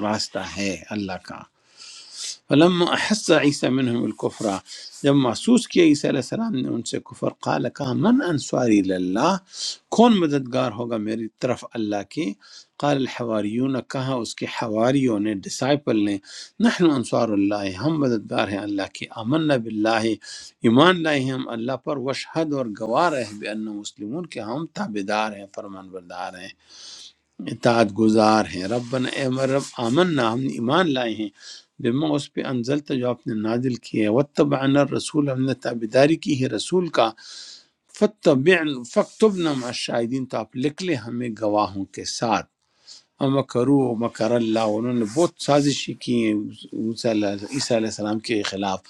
[SPEAKER 1] راستہ ہے اللہ کا فلم احس عیسیٰ منہم الکفرا جب محسوس کیا عیسیٰ علیہ السلام نے ان سے کفر قال کہا من انصاری اللہ کون مددگار ہوگا میری طرف اللہ کی قال الحواریون کہا اس کے حواریوں نے ڈسائپل نے نحن انصار اللہ ہم مددگار ہیں اللہ کی امن باللہ ایمان لائے ہیں ہم اللہ پر وشہد اور گواہ رہے بے ان مسلمون کہ ہم تابدار ہیں فرمان بردار ہیں اطاعت گزار ہیں ربنا اے ہمارے رب آمنا ہم نے ایمان لائے ہیں بما اس پہ انزلتا جو آپ نے نازل کیے واتبعنا الرسول ہم نے تابداری کی ہے رسول کا فتبعن فاکتبنا مع الشاہدین تو آپ لکھ لیں ہمیں گواہوں کے ساتھ امکرو مکر اللہ انہوں نے بہت سازشی کی ہیں موسیٰ علیہ- عیسیٰ علیہ السلام کے خلاف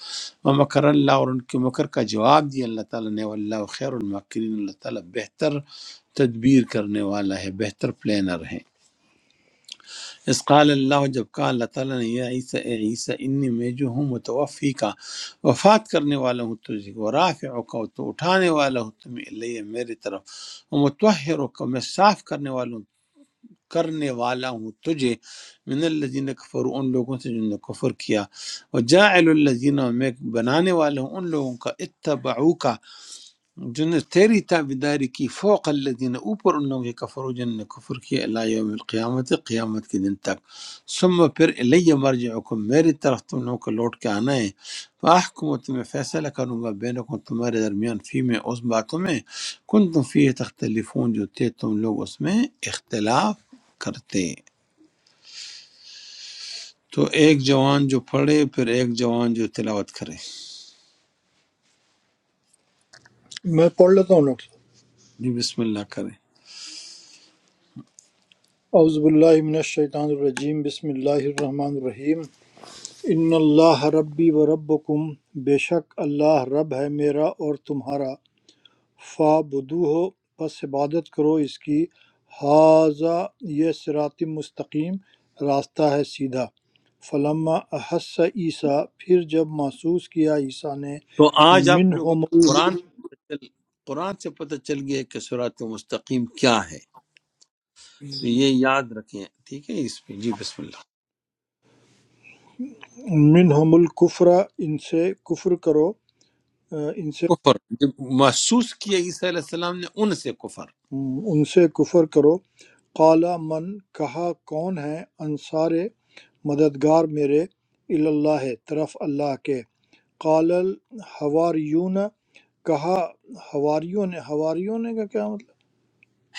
[SPEAKER 1] مکر اللہ اور ان کے مکر کا جواب دیا اللہ تعالیٰ نے واللہ خیر المکرین اللہ تعالیٰ بہتر تدبیر کرنے والا ہے بہتر پلانر ہے اس قال اللہ جب کہا اللہ تعالیٰ نے یا عیسیٰ اے عیسیٰ انی میں جو ہوں متوفی کا وفات کرنے والا ہوں تجھے و رافع کا تو اٹھانے والا ہوں تمہیں اللہ میری طرف و متحر کا میں صاف کرنے والا ہوں کرنے والا ہوں تجھے من الذین کفر ان لوگوں سے جنہوں نے کفر کیا اور جاعل الذین اور میں بنانے والا ہوں ان لوگوں کا اتبعو کا جن نے تیری تابیداری کی فوق الذین اوپر ان لوگوں کے کفرو جن نے کفر کیا اللہ یوم القیامت قیامت کے دن تک ثم پھر الی مرجعکم میری طرف تم لوگوں کو لوٹ کے آنا ہے فاحکم و تمہیں فیصلہ کروں گا بینکم تمہارے درمیان فی میں اس باتوں میں کن تم فی تختلفون جو تھے تم لوگ اس میں اختلاف کرتے تو ایک جوان جو پڑھے پھر ایک جوان جو تلاوت کرے
[SPEAKER 5] میں پڑھ لیتا ہوں ڈاکٹر صاحب۔
[SPEAKER 1] جی بسم اللہ کرے
[SPEAKER 5] اعوذ باللہ من الشیطان الرجیم بسم اللہ الرحمن الرحیم ان اللہ ربی و ربکم بے شک اللہ رب ہے میرا اور تمہارا فا بدو ہو پس عبادت کرو اس کی حاضہ یہ صراط مستقیم راستہ ہے سیدھا فلما احس عیسیٰ پھر جب محسوس کیا عیسیٰ نے
[SPEAKER 1] تو آج آپ لوگوں
[SPEAKER 5] منہم
[SPEAKER 1] کو قرآن سے پتہ چل قرآن سے پتہ چل گیا کہ سورات مستقیم کیا ہے تو یہ یاد رکھیں ٹھیک ہے اس پہ جی بسم اللہ
[SPEAKER 5] منہم الکفر ان سے کفر کرو ان سے
[SPEAKER 1] کفر جب محسوس کیا عیسیٰ علیہ السلام نے ان سے کفر
[SPEAKER 5] ان سے کفر کرو قال من کہا کون ہے انصار مددگار میرے اللہ طرف اللہ کے قال الحواریون کہا حواریوں نے حواریوں نے کا کیا مطلب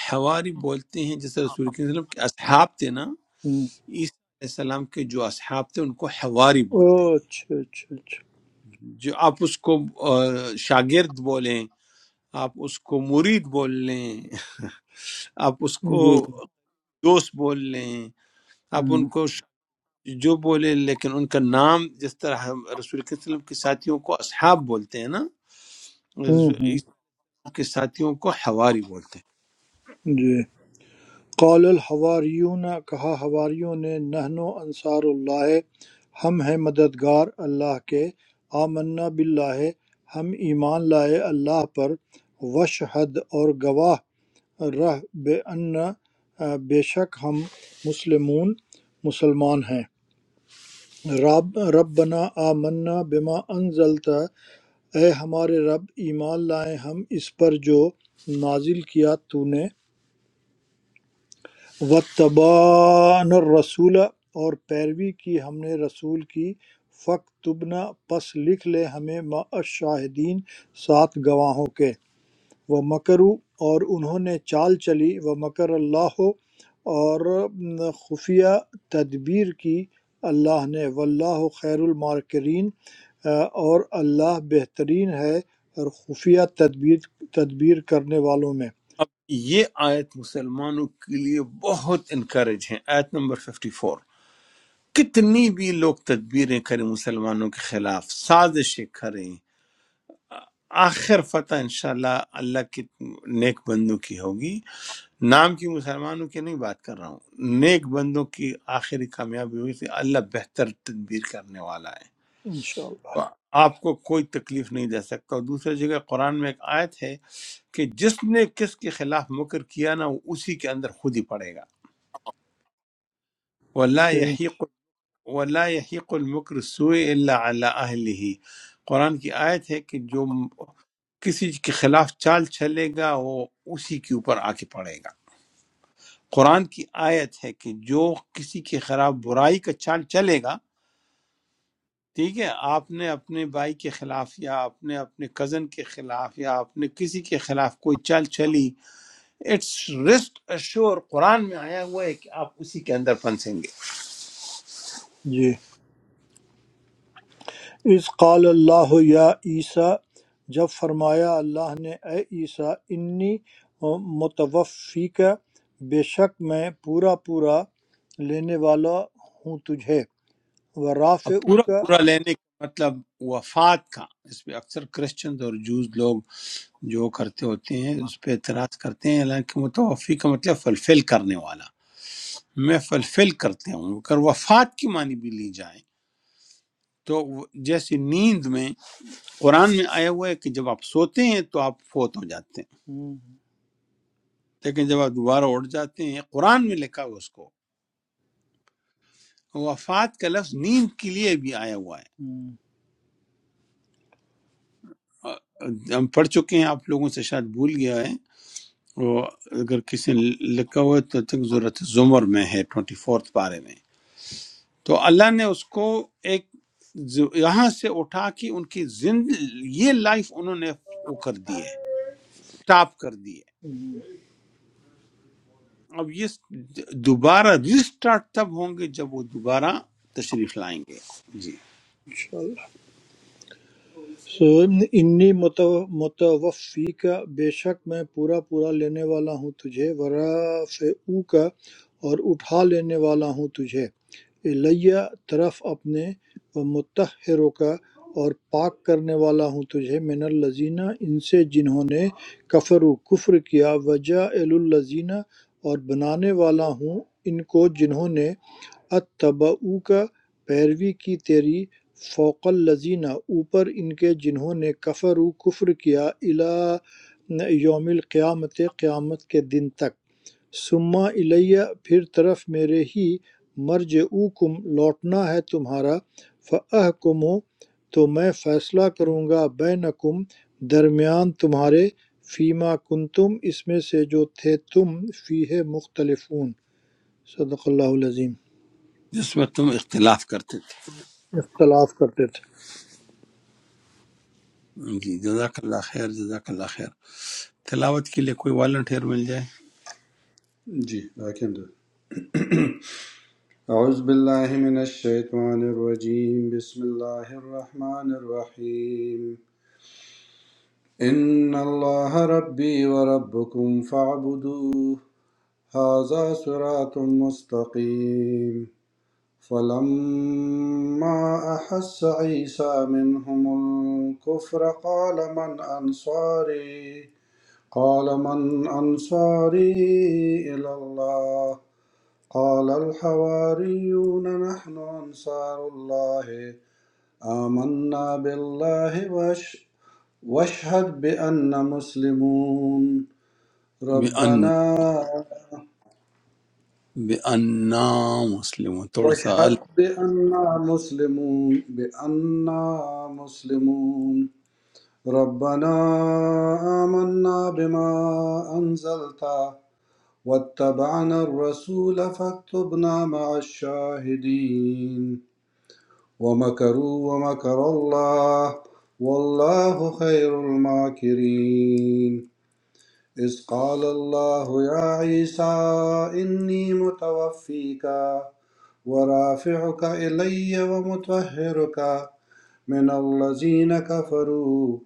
[SPEAKER 1] حواری بولتے ہیں جیسے رسول کریم صلی اللہ علیہ وسلم کے اصحاب تھے نا
[SPEAKER 5] ہم،
[SPEAKER 1] عیسیٰ علیہ السلام کے جو اصحاب تھے ان کو حواری بولتے
[SPEAKER 5] اوہ،
[SPEAKER 1] ہیں
[SPEAKER 5] اچھا اچھا اچھا
[SPEAKER 1] جو آپ اس کو آ، شاگرد بولیں آپ اس کو مرید بول لیں [LAUGHS] آپ اس کو
[SPEAKER 5] جی جی
[SPEAKER 1] دوست بول لیں آپ
[SPEAKER 5] ہم،
[SPEAKER 1] ان کو جو بولے لیکن ان کا نام جس طرح ہم رسول کے وسلم کے ساتھیوں کو اصحاب بولتے ہیں نا
[SPEAKER 5] ہم،
[SPEAKER 1] رسول
[SPEAKER 5] ہم،
[SPEAKER 1] اسلام کے ساتھیوں کو حواری بولتے ہیں
[SPEAKER 5] جی قال الحواریون کہا حواریوں نے نحن انصار اللہ ہم ہیں مددگار اللہ کے آمنا باللہ ہم ایمان لائے اللہ پر وشہد اور گواہ رہ بے ان بے شک ہم مسلمون مسلمان ہیں رب ربنا آمنا بما انزلتا اے ہمارے رب ایمان لائے ہم اس پر جو نازل کیا تو نے وطبان الرسول اور پیروی کی ہم نے رسول کی فق تبنا پس لکھ لے ہمیں شاہدین سات گواہوں کے وہ مکرو اور انہوں نے چال چلی وہ مکر اللہ اور خفیہ تدبیر کی اللہ نے واللہ خیر المارکرین اور اللہ بہترین ہے اور خفیہ تدبیر تدبیر کرنے والوں میں
[SPEAKER 1] اب یہ آیت مسلمانوں کے لیے بہت انکریج ہے آیت نمبر 54 کتنی بھی لوگ تدبیریں کریں مسلمانوں کے خلاف سازشیں کریں آخر فتح انشاءاللہ اللہ کی نیک بندوں کی ہوگی نام کی مسلمانوں کی نہیں بات کر رہا ہوں نیک بندوں کی آخری کامیابی ہوئی تھی اللہ بہتر تدبیر کرنے والا ہے
[SPEAKER 5] انشاءاللہ
[SPEAKER 1] آپ کو کوئی تکلیف نہیں دے سکتا اور دوسری جگہ قرآن میں ایک آیت ہے کہ جس نے کس کے خلاف مکر کیا نا وہ اسی کے اندر خود ہی پڑے گا ولا
[SPEAKER 5] صحیح
[SPEAKER 1] يحيق ولا يحيق المكر السوء الا على اهله قرآن کی آیت ہے کہ جو کسی کے خلاف چال چلے گا وہ اسی کے اوپر آ کے پڑے گا قرآن کی آیت ہے کہ جو کسی کے خلاف برائی کا چال چلے گا ٹھیک ہے آپ نے اپنے بھائی کے خلاف یا آپ نے اپنے کزن کے خلاف یا آپ نے کسی کے خلاف کوئی چال چلی اٹس رسٹ اشور قرآن میں آیا ہوا ہے کہ آپ اسی کے اندر پھنسیں گے
[SPEAKER 5] جی اذ قال اللہ یا عیسیٰ جب فرمایا اللہ نے اے عیسیٰ انی متوفیک بے شک میں پورا پورا لینے والا ہوں تجھے و
[SPEAKER 1] اب پورا
[SPEAKER 5] رافعوک
[SPEAKER 1] پورا لینے کا مطلب وفات کا اس پہ اکثر کرسچنز اور جوز لوگ جو کرتے ہوتے ہیں اس پہ اعتراض کرتے ہیں حالانکہ متوفی کا مطلب فلفل کرنے والا میں فلفل کرتے ہوں اگر وفات کی معنی بھی لی جائے تو وہ- جیسے نیند میں قرآن میں آیا ہوا ہے کہ جب آپ سوتے ہیں تو آپ فوت ہو جاتے ہیں
[SPEAKER 5] ہوں،
[SPEAKER 1] لیکن جب آپ دوبارہ اٹھ جاتے ہیں قرآن میں لکھا ہوا اس کو وفات کا لفظ نیند کے لیے بھی آیا ہوا ہے
[SPEAKER 5] ہوں،
[SPEAKER 1] آ- ہم پڑھ چکے ہیں آپ لوگوں سے شاید بھول گیا ہے وہ اگر کسی نے لکھا ہوا ہے تو تک ضرورت زمر میں ہے ٹوئنٹی فورتھ پارے میں تو اللہ نے اس کو ایک ز- یہاں سے اٹھا کے ان کی زند یہ لائف انہوں نے وہ کر دی ہے ٹاپ کر دی ہے
[SPEAKER 5] ہوں۔
[SPEAKER 1] اب یہ دوبارہ ریسٹارٹ تب ہوں گے جب وہ دوبارہ تشریف لائیں گے جی
[SPEAKER 5] سوئم نے انی متوفی کا بے شک میں پورا پورا لینے والا ہوں تجھے ورافعو کا اور اٹھا لینے والا ہوں تجھے الیہ طرف اپنے و متحروں کا اور پاک کرنے والا ہوں تجھے من الزینہ ان سے جنہوں نے کفر و کفر کیا وجہ الزینہ اور بنانے والا ہوں ان کو جنہوں نے اتبعوا کا پیروی کی تیری فوق الذین اوپر ان کے جنہوں نے کفر و کفر کیا الی یوم القیامت قیامت کے دن تک سما الیہ پھر طرف میرے ہی مرجعوکم لوٹنا ہے تمہارا فاحکموا تو میں فیصلہ کروں گا بینکم درمیان تمہارے فیما کنتم اس میں سے جو تھے تم فیہ مختلفون صدق اللہ العظیم
[SPEAKER 1] جس میں تم اختلاف کرتے
[SPEAKER 5] اختلاف کرتے تھے
[SPEAKER 1] تھے جی جزاک اللہ خیر جزاک اللہ خیر تلاوت کے لیے کوئی والنٹیئر مل جائے
[SPEAKER 4] جی آئی کین ڈو أعوذ بالله من الشيطان الرجيم بسم الله الرحمن الرحيم إن الله ربي وربكم فاعبدوه هذا صراط مستقيم فلما أحس عيسى منهم الكفر قال من أنصاري قال من أنصاري إلى الله قال الحواريون نحن أنصار الله آمنا بالله وأش- واشهد بأننا مسلمون
[SPEAKER 1] بے ان
[SPEAKER 4] ربنا
[SPEAKER 1] بے انا مسلم تھوڑا سا
[SPEAKER 4] واشهد
[SPEAKER 1] ال
[SPEAKER 4] بأننا مسلمون بأننا مسلمون ربنا آمنا بما أنزلت واتبعنا الرسول فاكتبنا مع الشاهدين ومكروا ومكر الله والله خير الماكرين إذ قال الله يا عيسى إني متوفيك ورافعك إلي ومطهرك من الذين كفروا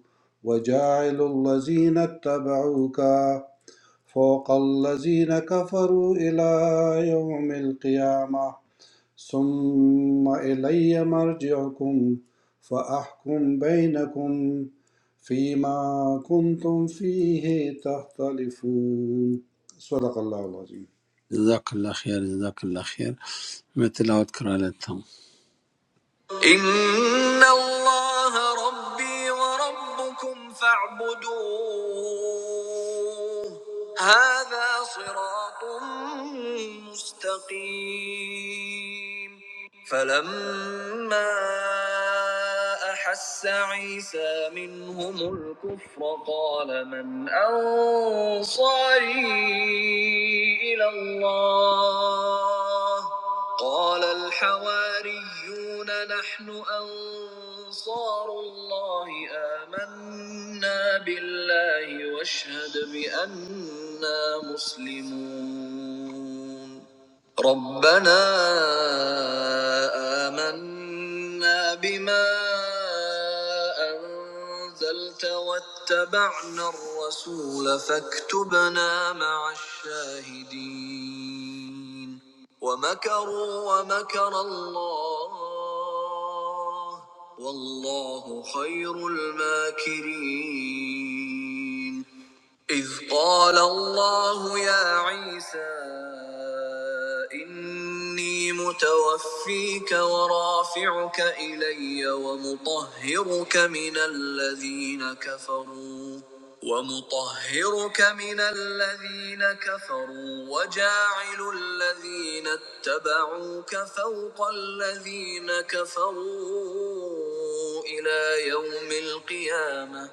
[SPEAKER 4] وجاعل الذين اتبعوك فوق الذين كفروا إلى يوم القيامة ثم إلي مرجعكم فأحكم بينكم فيما كنتم فيه تختلفون صدق الله العظيم
[SPEAKER 1] جزاک اللہ خیر جزاک اللہ خیر میں تلاوت کرا لیتا ہوں إن الله ربي وربكم فاعبدوه هذا صراط مستقيم فلما أحس عيسى منهم الكفر قال من أنصاري إلى الله قال الحواريون نحن أنصار الله آمنا بالله واشهد بأننا مسلمون ربنا آمنا بما أنزلت واتبعنا الرسول فاكتبنا مع الشاهدين ومكروا ومكر الله والله خير الماكرين إذ قال الله يا عيسى إني متوفيك ورافعك إلي ومطهرك من الذين كفروا ومطهرك من الذين كفروا وجاعل الذين اتبعوك فوق الذين كفروا إلى يوم القيامة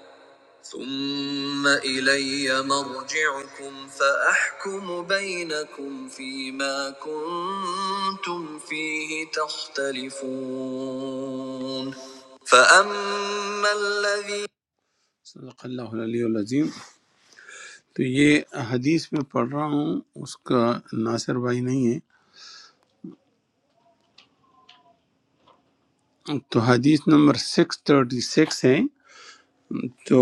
[SPEAKER 1] ثم إلي مرجعكم فأحكم بينكم فيما كنتم فيه تختلفون فأما الذي صدق اللہ علیہ العظیم تو یہ حدیث میں پڑھ رہا ہوں اس کا ناصر بھائی نہیں ہے تو حدیث نمبر 636 ہے تو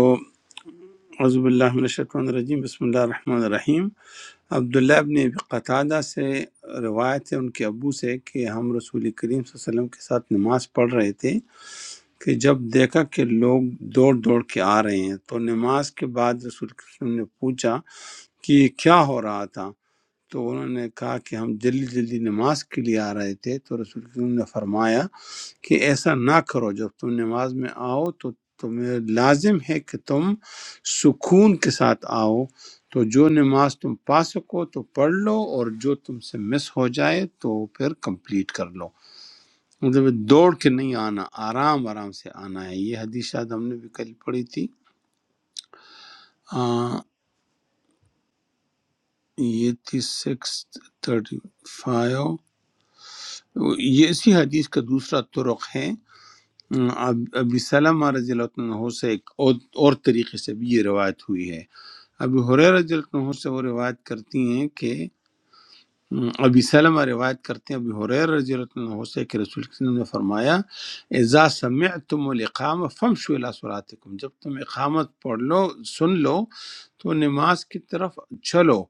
[SPEAKER 1] عزب اللہ من الشیطان الرجیم بسم اللہ الرحمن الرحیم عبداللہ ابن ابی قتادہ سے روایت ہے ان کے ابو سے کہ ہم رسول کریم صلی اللہ علیہ وسلم کے ساتھ نماز پڑھ رہے تھے کہ جب دیکھا کہ لوگ دوڑ دوڑ کے آ رہے ہیں تو نماز کے بعد رسول کریم صلی اللہ علیہ وسلم نے پوچھا کہ یہ کیا ہو رہا تھا تو انہوں نے کہا کہ ہم جلدی جلدی نماز کے لیے آ رہے تھے تو رسول کریم نے فرمایا کہ ایسا نہ کرو جب تم نماز میں آؤ تو تمہیں لازم ہے کہ تم سکون کے ساتھ آؤ تو جو نماز تم پا سکو تو پڑھ لو اور جو تم سے مس ہو جائے تو پھر کمپلیٹ کر لو مطلب یہ دوڑ کے نہیں آنا آرام آرام سے آنا ہے یہ حدیث شاید ہم نے بھی کل پڑھی تھی آ، یہ تھی سکس تھرٹی فائیو یہ اسی حدیث کا دوسرا طرق ہے اب- ابی سلمہ رضی اللہ عنہ سے ایک اور اور طریقے سے بھی یہ روایت ہوئی ہے ابی ہریرہ رضی اللہ عنہ سے وہ روایت کرتی ہیں کہ ہم، ابی سلمہ روایت کرتے ہیں ابی حریر رضی اللہ عنہ سے کہ رسول اللہ صلی اللہ علیہ وسلم نے فرمایا اذا سمعتم الاقامہ فمشوا الی صلاتکم جب تم اقامت پڑھ لو سن لو تو نماز کی طرف چلو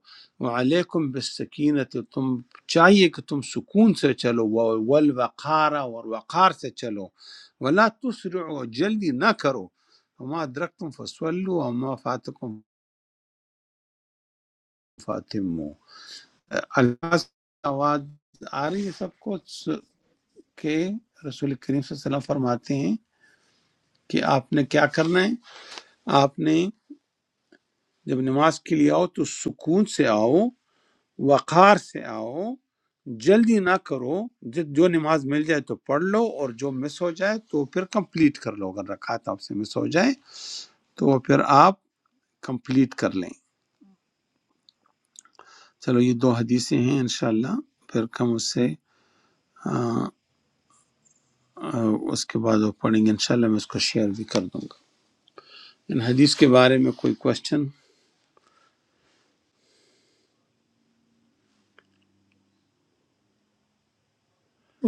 [SPEAKER 1] وعلیکم بالسکینت تم چاہیے کہ تم سکون سے چلو و- والوقار اور وقار سے چلو ولا تسرعوا جلدی نہ کرو وما ادرکتم فصلوا وما فاتکم فاتموا اللہ سے آواز آ رہی ہے سب کو س- کہ رسول کریم صلی اللہ علیہ وسلم فرماتے ہیں کہ آپ نے کیا کرنا ہے آپ نے جب نماز کے لیے آؤ تو سکون سے آؤ وقار سے آؤ جلدی نہ کرو ج- جو نماز مل جائے تو پڑھ لو اور جو مس ہو جائے تو پھر کمپلیٹ کر لو اگر رکعت آپ سے مس ہو جائے تو وہ پھر آپ کمپلیٹ کر لیں چلو یہ دو حدیثیں ہیں انشاءاللہ پھر ہم اس سے آ، اس کے بعد وہ پڑھیں گے انشاءاللہ میں اس کو شیئر بھی کر دوں گا ان حدیث کے بارے میں کوئی کوشچن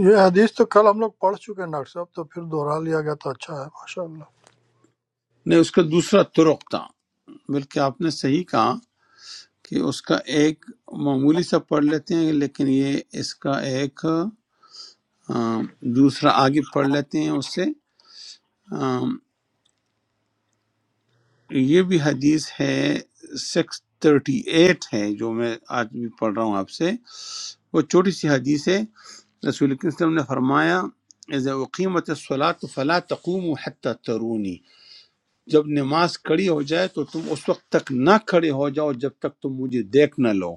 [SPEAKER 5] یہ حدیث تو کل ہم لوگ پڑھ چکے ہیں ڈاکٹر صاحب تو پھر دوہرا لیا گیا تو اچھا ہے ماشاء اللہ
[SPEAKER 1] نہیں اس کا دوسرا طرق تھا بلکہ آپ نے صحیح کہا کہ اس کا ایک معمولی سا پڑھ لیتے ہیں لیکن یہ اس کا ایک آ، دوسرا آگے پڑھ لیتے ہیں اس سے آ، یہ بھی حدیث ہے سکس تھرٹی ایٹ ہے جو میں آج بھی پڑھ رہا ہوں آپ سے وہ چھوٹی سی حدیث ہے رسول اکرم صلی اللہ علیہ وسلم نے فرمایا اذا اقیمت الصلاۃ فلا تقوموا حتى ترونی جب نماز کھڑی ہو جائے تو تم اس وقت تک نہ کھڑے ہو جاؤ جب تک تم مجھے دیکھ نہ لو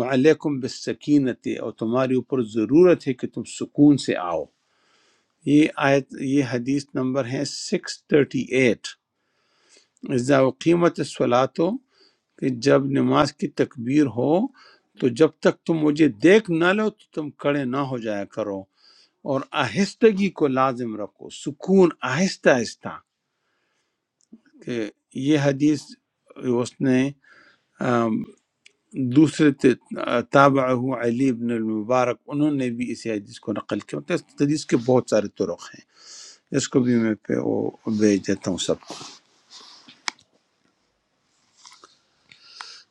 [SPEAKER 1] وعلیکم بالسکینت اور تمہاری اوپر ضرورت ہے کہ تم سکون سے آؤ یہ آیت یہ حدیث نمبر ہے 638 اذا اقیمت الصلاۃ کہ جب نماز کی تکبیر ہو تو جب تک تم مجھے دیکھ نہ لو تو تم کھڑے نہ ہو جایا کرو اور آہستگی کو لازم رکھو سکون آہستہ آہستہ کہ یہ حدیث اس نے آم، دوسرے تابع علی ابن المبارک انہوں نے بھی اس حدیث کو نقل کیا تو اس حدیث کے بہت سارے طرق ہیں اس کو بھی میں پہ وہ بھیج دیتا ہوں سب کو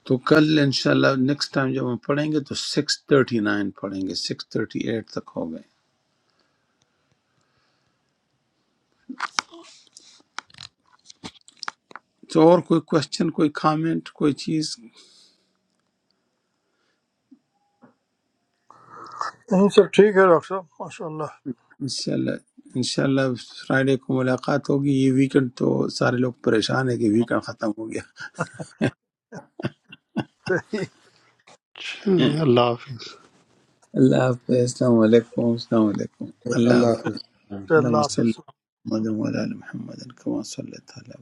[SPEAKER 1] تو کل انشاءاللہ نیکسٹ ٹائم جب ہم پڑھیں گے تو سکس تھرٹی نائن پڑھیں گے سکس تھرٹی ایٹ تک ہو گئے تو اور کوئی کوشچن کوئی کامنٹ کوئی چیز
[SPEAKER 5] یہیں سب ٹھیک ہے ڈاکٹر صاحب ماشاء اللہ
[SPEAKER 1] انشاءاللہ انشاءاللہ فرائیڈے کو ملاقات ہوگی یہ ویکنڈ تو سارے لوگ پریشان ہیں کہ ویکنڈ ختم ہو گیا
[SPEAKER 5] [LAUGHS] صحیح
[SPEAKER 3] اچھا، اللہ حافظ
[SPEAKER 1] اللہ حافظ السلام علیکم السلام علیکم اللہ
[SPEAKER 4] الله
[SPEAKER 1] حافظ
[SPEAKER 4] يحفظك
[SPEAKER 5] اللہ
[SPEAKER 1] اللہ صلی
[SPEAKER 5] حافظ
[SPEAKER 1] علی محمد وعلی آل محمد کما صلی اللہ